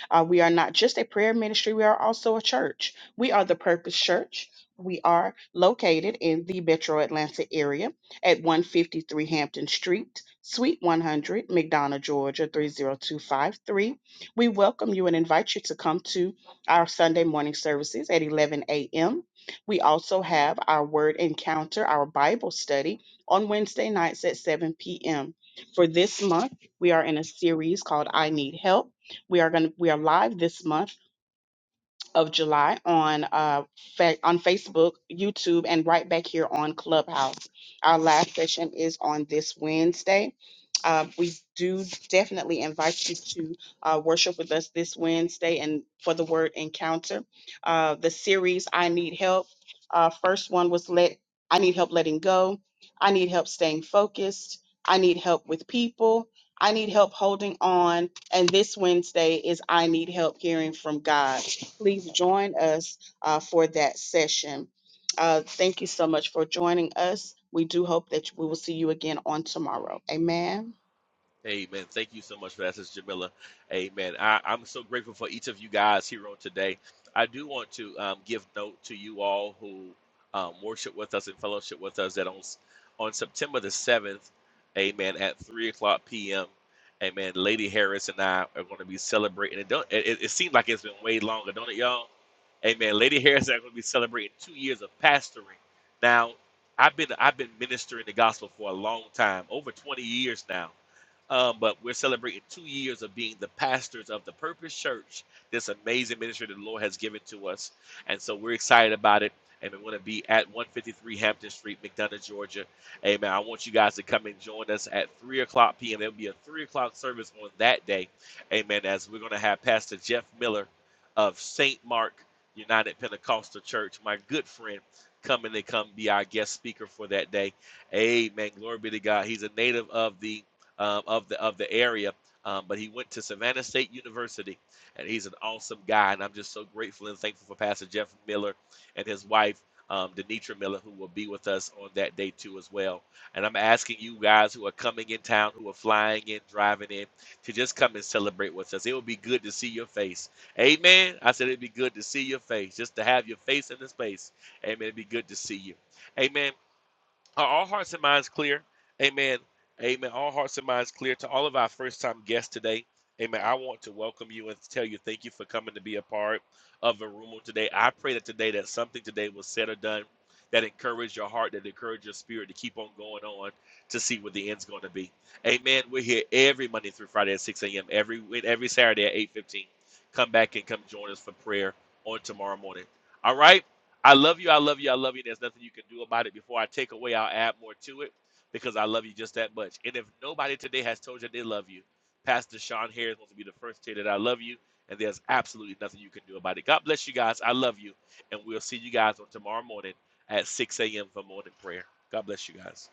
Uh, we are not just a prayer ministry, we are also a church. We are the Purpose Church. We are located in the metro Atlanta area at 153 Hampton Street, Suite 100, McDonough, Georgia 30253. We welcome you and invite you to come to our Sunday morning services at 11 a.m. We also have our Word Encounter, our Bible study on Wednesday nights at 7 p.m. For this month, we are in a series called I Need Help we are going to we are live this month of July on uh, fa- on Facebook, YouTube, and right back here on Clubhouse. Our last session is on this Wednesday. Uh, we do definitely invite you to uh, worship with us this Wednesday and for the word encounter. Uh, the series I Need Help. Uh, first one was let I need help letting go. I need help staying focused. I need help with people. I need help holding on. And this Wednesday is I need help hearing from God please join us uh, for that session. Uh, thank you so much for joining us. We do hope that we will see you again on tomorrow. Amen.
Amen. Thank you so much for that, Sister Jamila. Amen. I, I'm so grateful for each of you guys here on today. I do want to um, give note to you all who um, worship with us and fellowship with us that on on September the seventh, Amen, at three o'clock p.m. Amen. Lady Harris and I are going to be celebrating. It don't. It, it, it seems like it's been way longer, don't it, y'all? Amen. Lady Harris and I are going to be celebrating two years of pastoring. Now, I've been I've been ministering the gospel for a long time, over 20 years now. Um, but we're celebrating two years of being the pastors of the Purpose Church, this amazing ministry that the Lord has given to us. And so we're excited about it. And we want to be at 153 Hampton Street, McDonough, Georgia. Amen. I want you guys to come and join us at 3 o'clock p.m. There'll be a 3 o'clock service on that day. Amen. As we're going to have Pastor Jeff Miller of St. Mark United Pentecostal Church, my good friend, come and they come be our guest speaker for that day. Amen. Glory be to God. He's a native of the um, of the of the area. Um, but he went to Savannah State University, and he's an awesome guy. And I'm just so grateful and thankful for Pastor Jeff Miller and his wife. Um, Denitra Miller, who will be with us on that day too, as well. And I'm asking you guys who are coming in town, who are flying in, driving in, to just come and celebrate with us. It would be good to see your face. Amen. I said it'd be good to see your face, just to have your face in the space. Amen. It'd be good to see you. Amen. Are all hearts and minds clear? Amen. Amen. All hearts and minds clear to all of our first time guests today. Amen. I want to welcome you and tell you thank you for coming to be a part of the room on today. I pray that today that something today was said or done that encouraged your heart, that encouraged your spirit to keep on going on to see what the end's going to be. Amen. We're here every Monday through Friday at 6 a.m. every every Saturday at 8:15. Come back and come join us for prayer on tomorrow morning. All right. I love you. I love you. I love you. There's nothing you can do about it. Before I take away, I'll add more to it because I love you just that much. And if nobody today has told you they love you, Pastor Sean Harris wants to be the first to say that I love you. And there's absolutely nothing you can do about it. God bless you guys. I love you. And we'll see you guys on tomorrow morning at 6 a.m. for morning prayer. God bless you guys.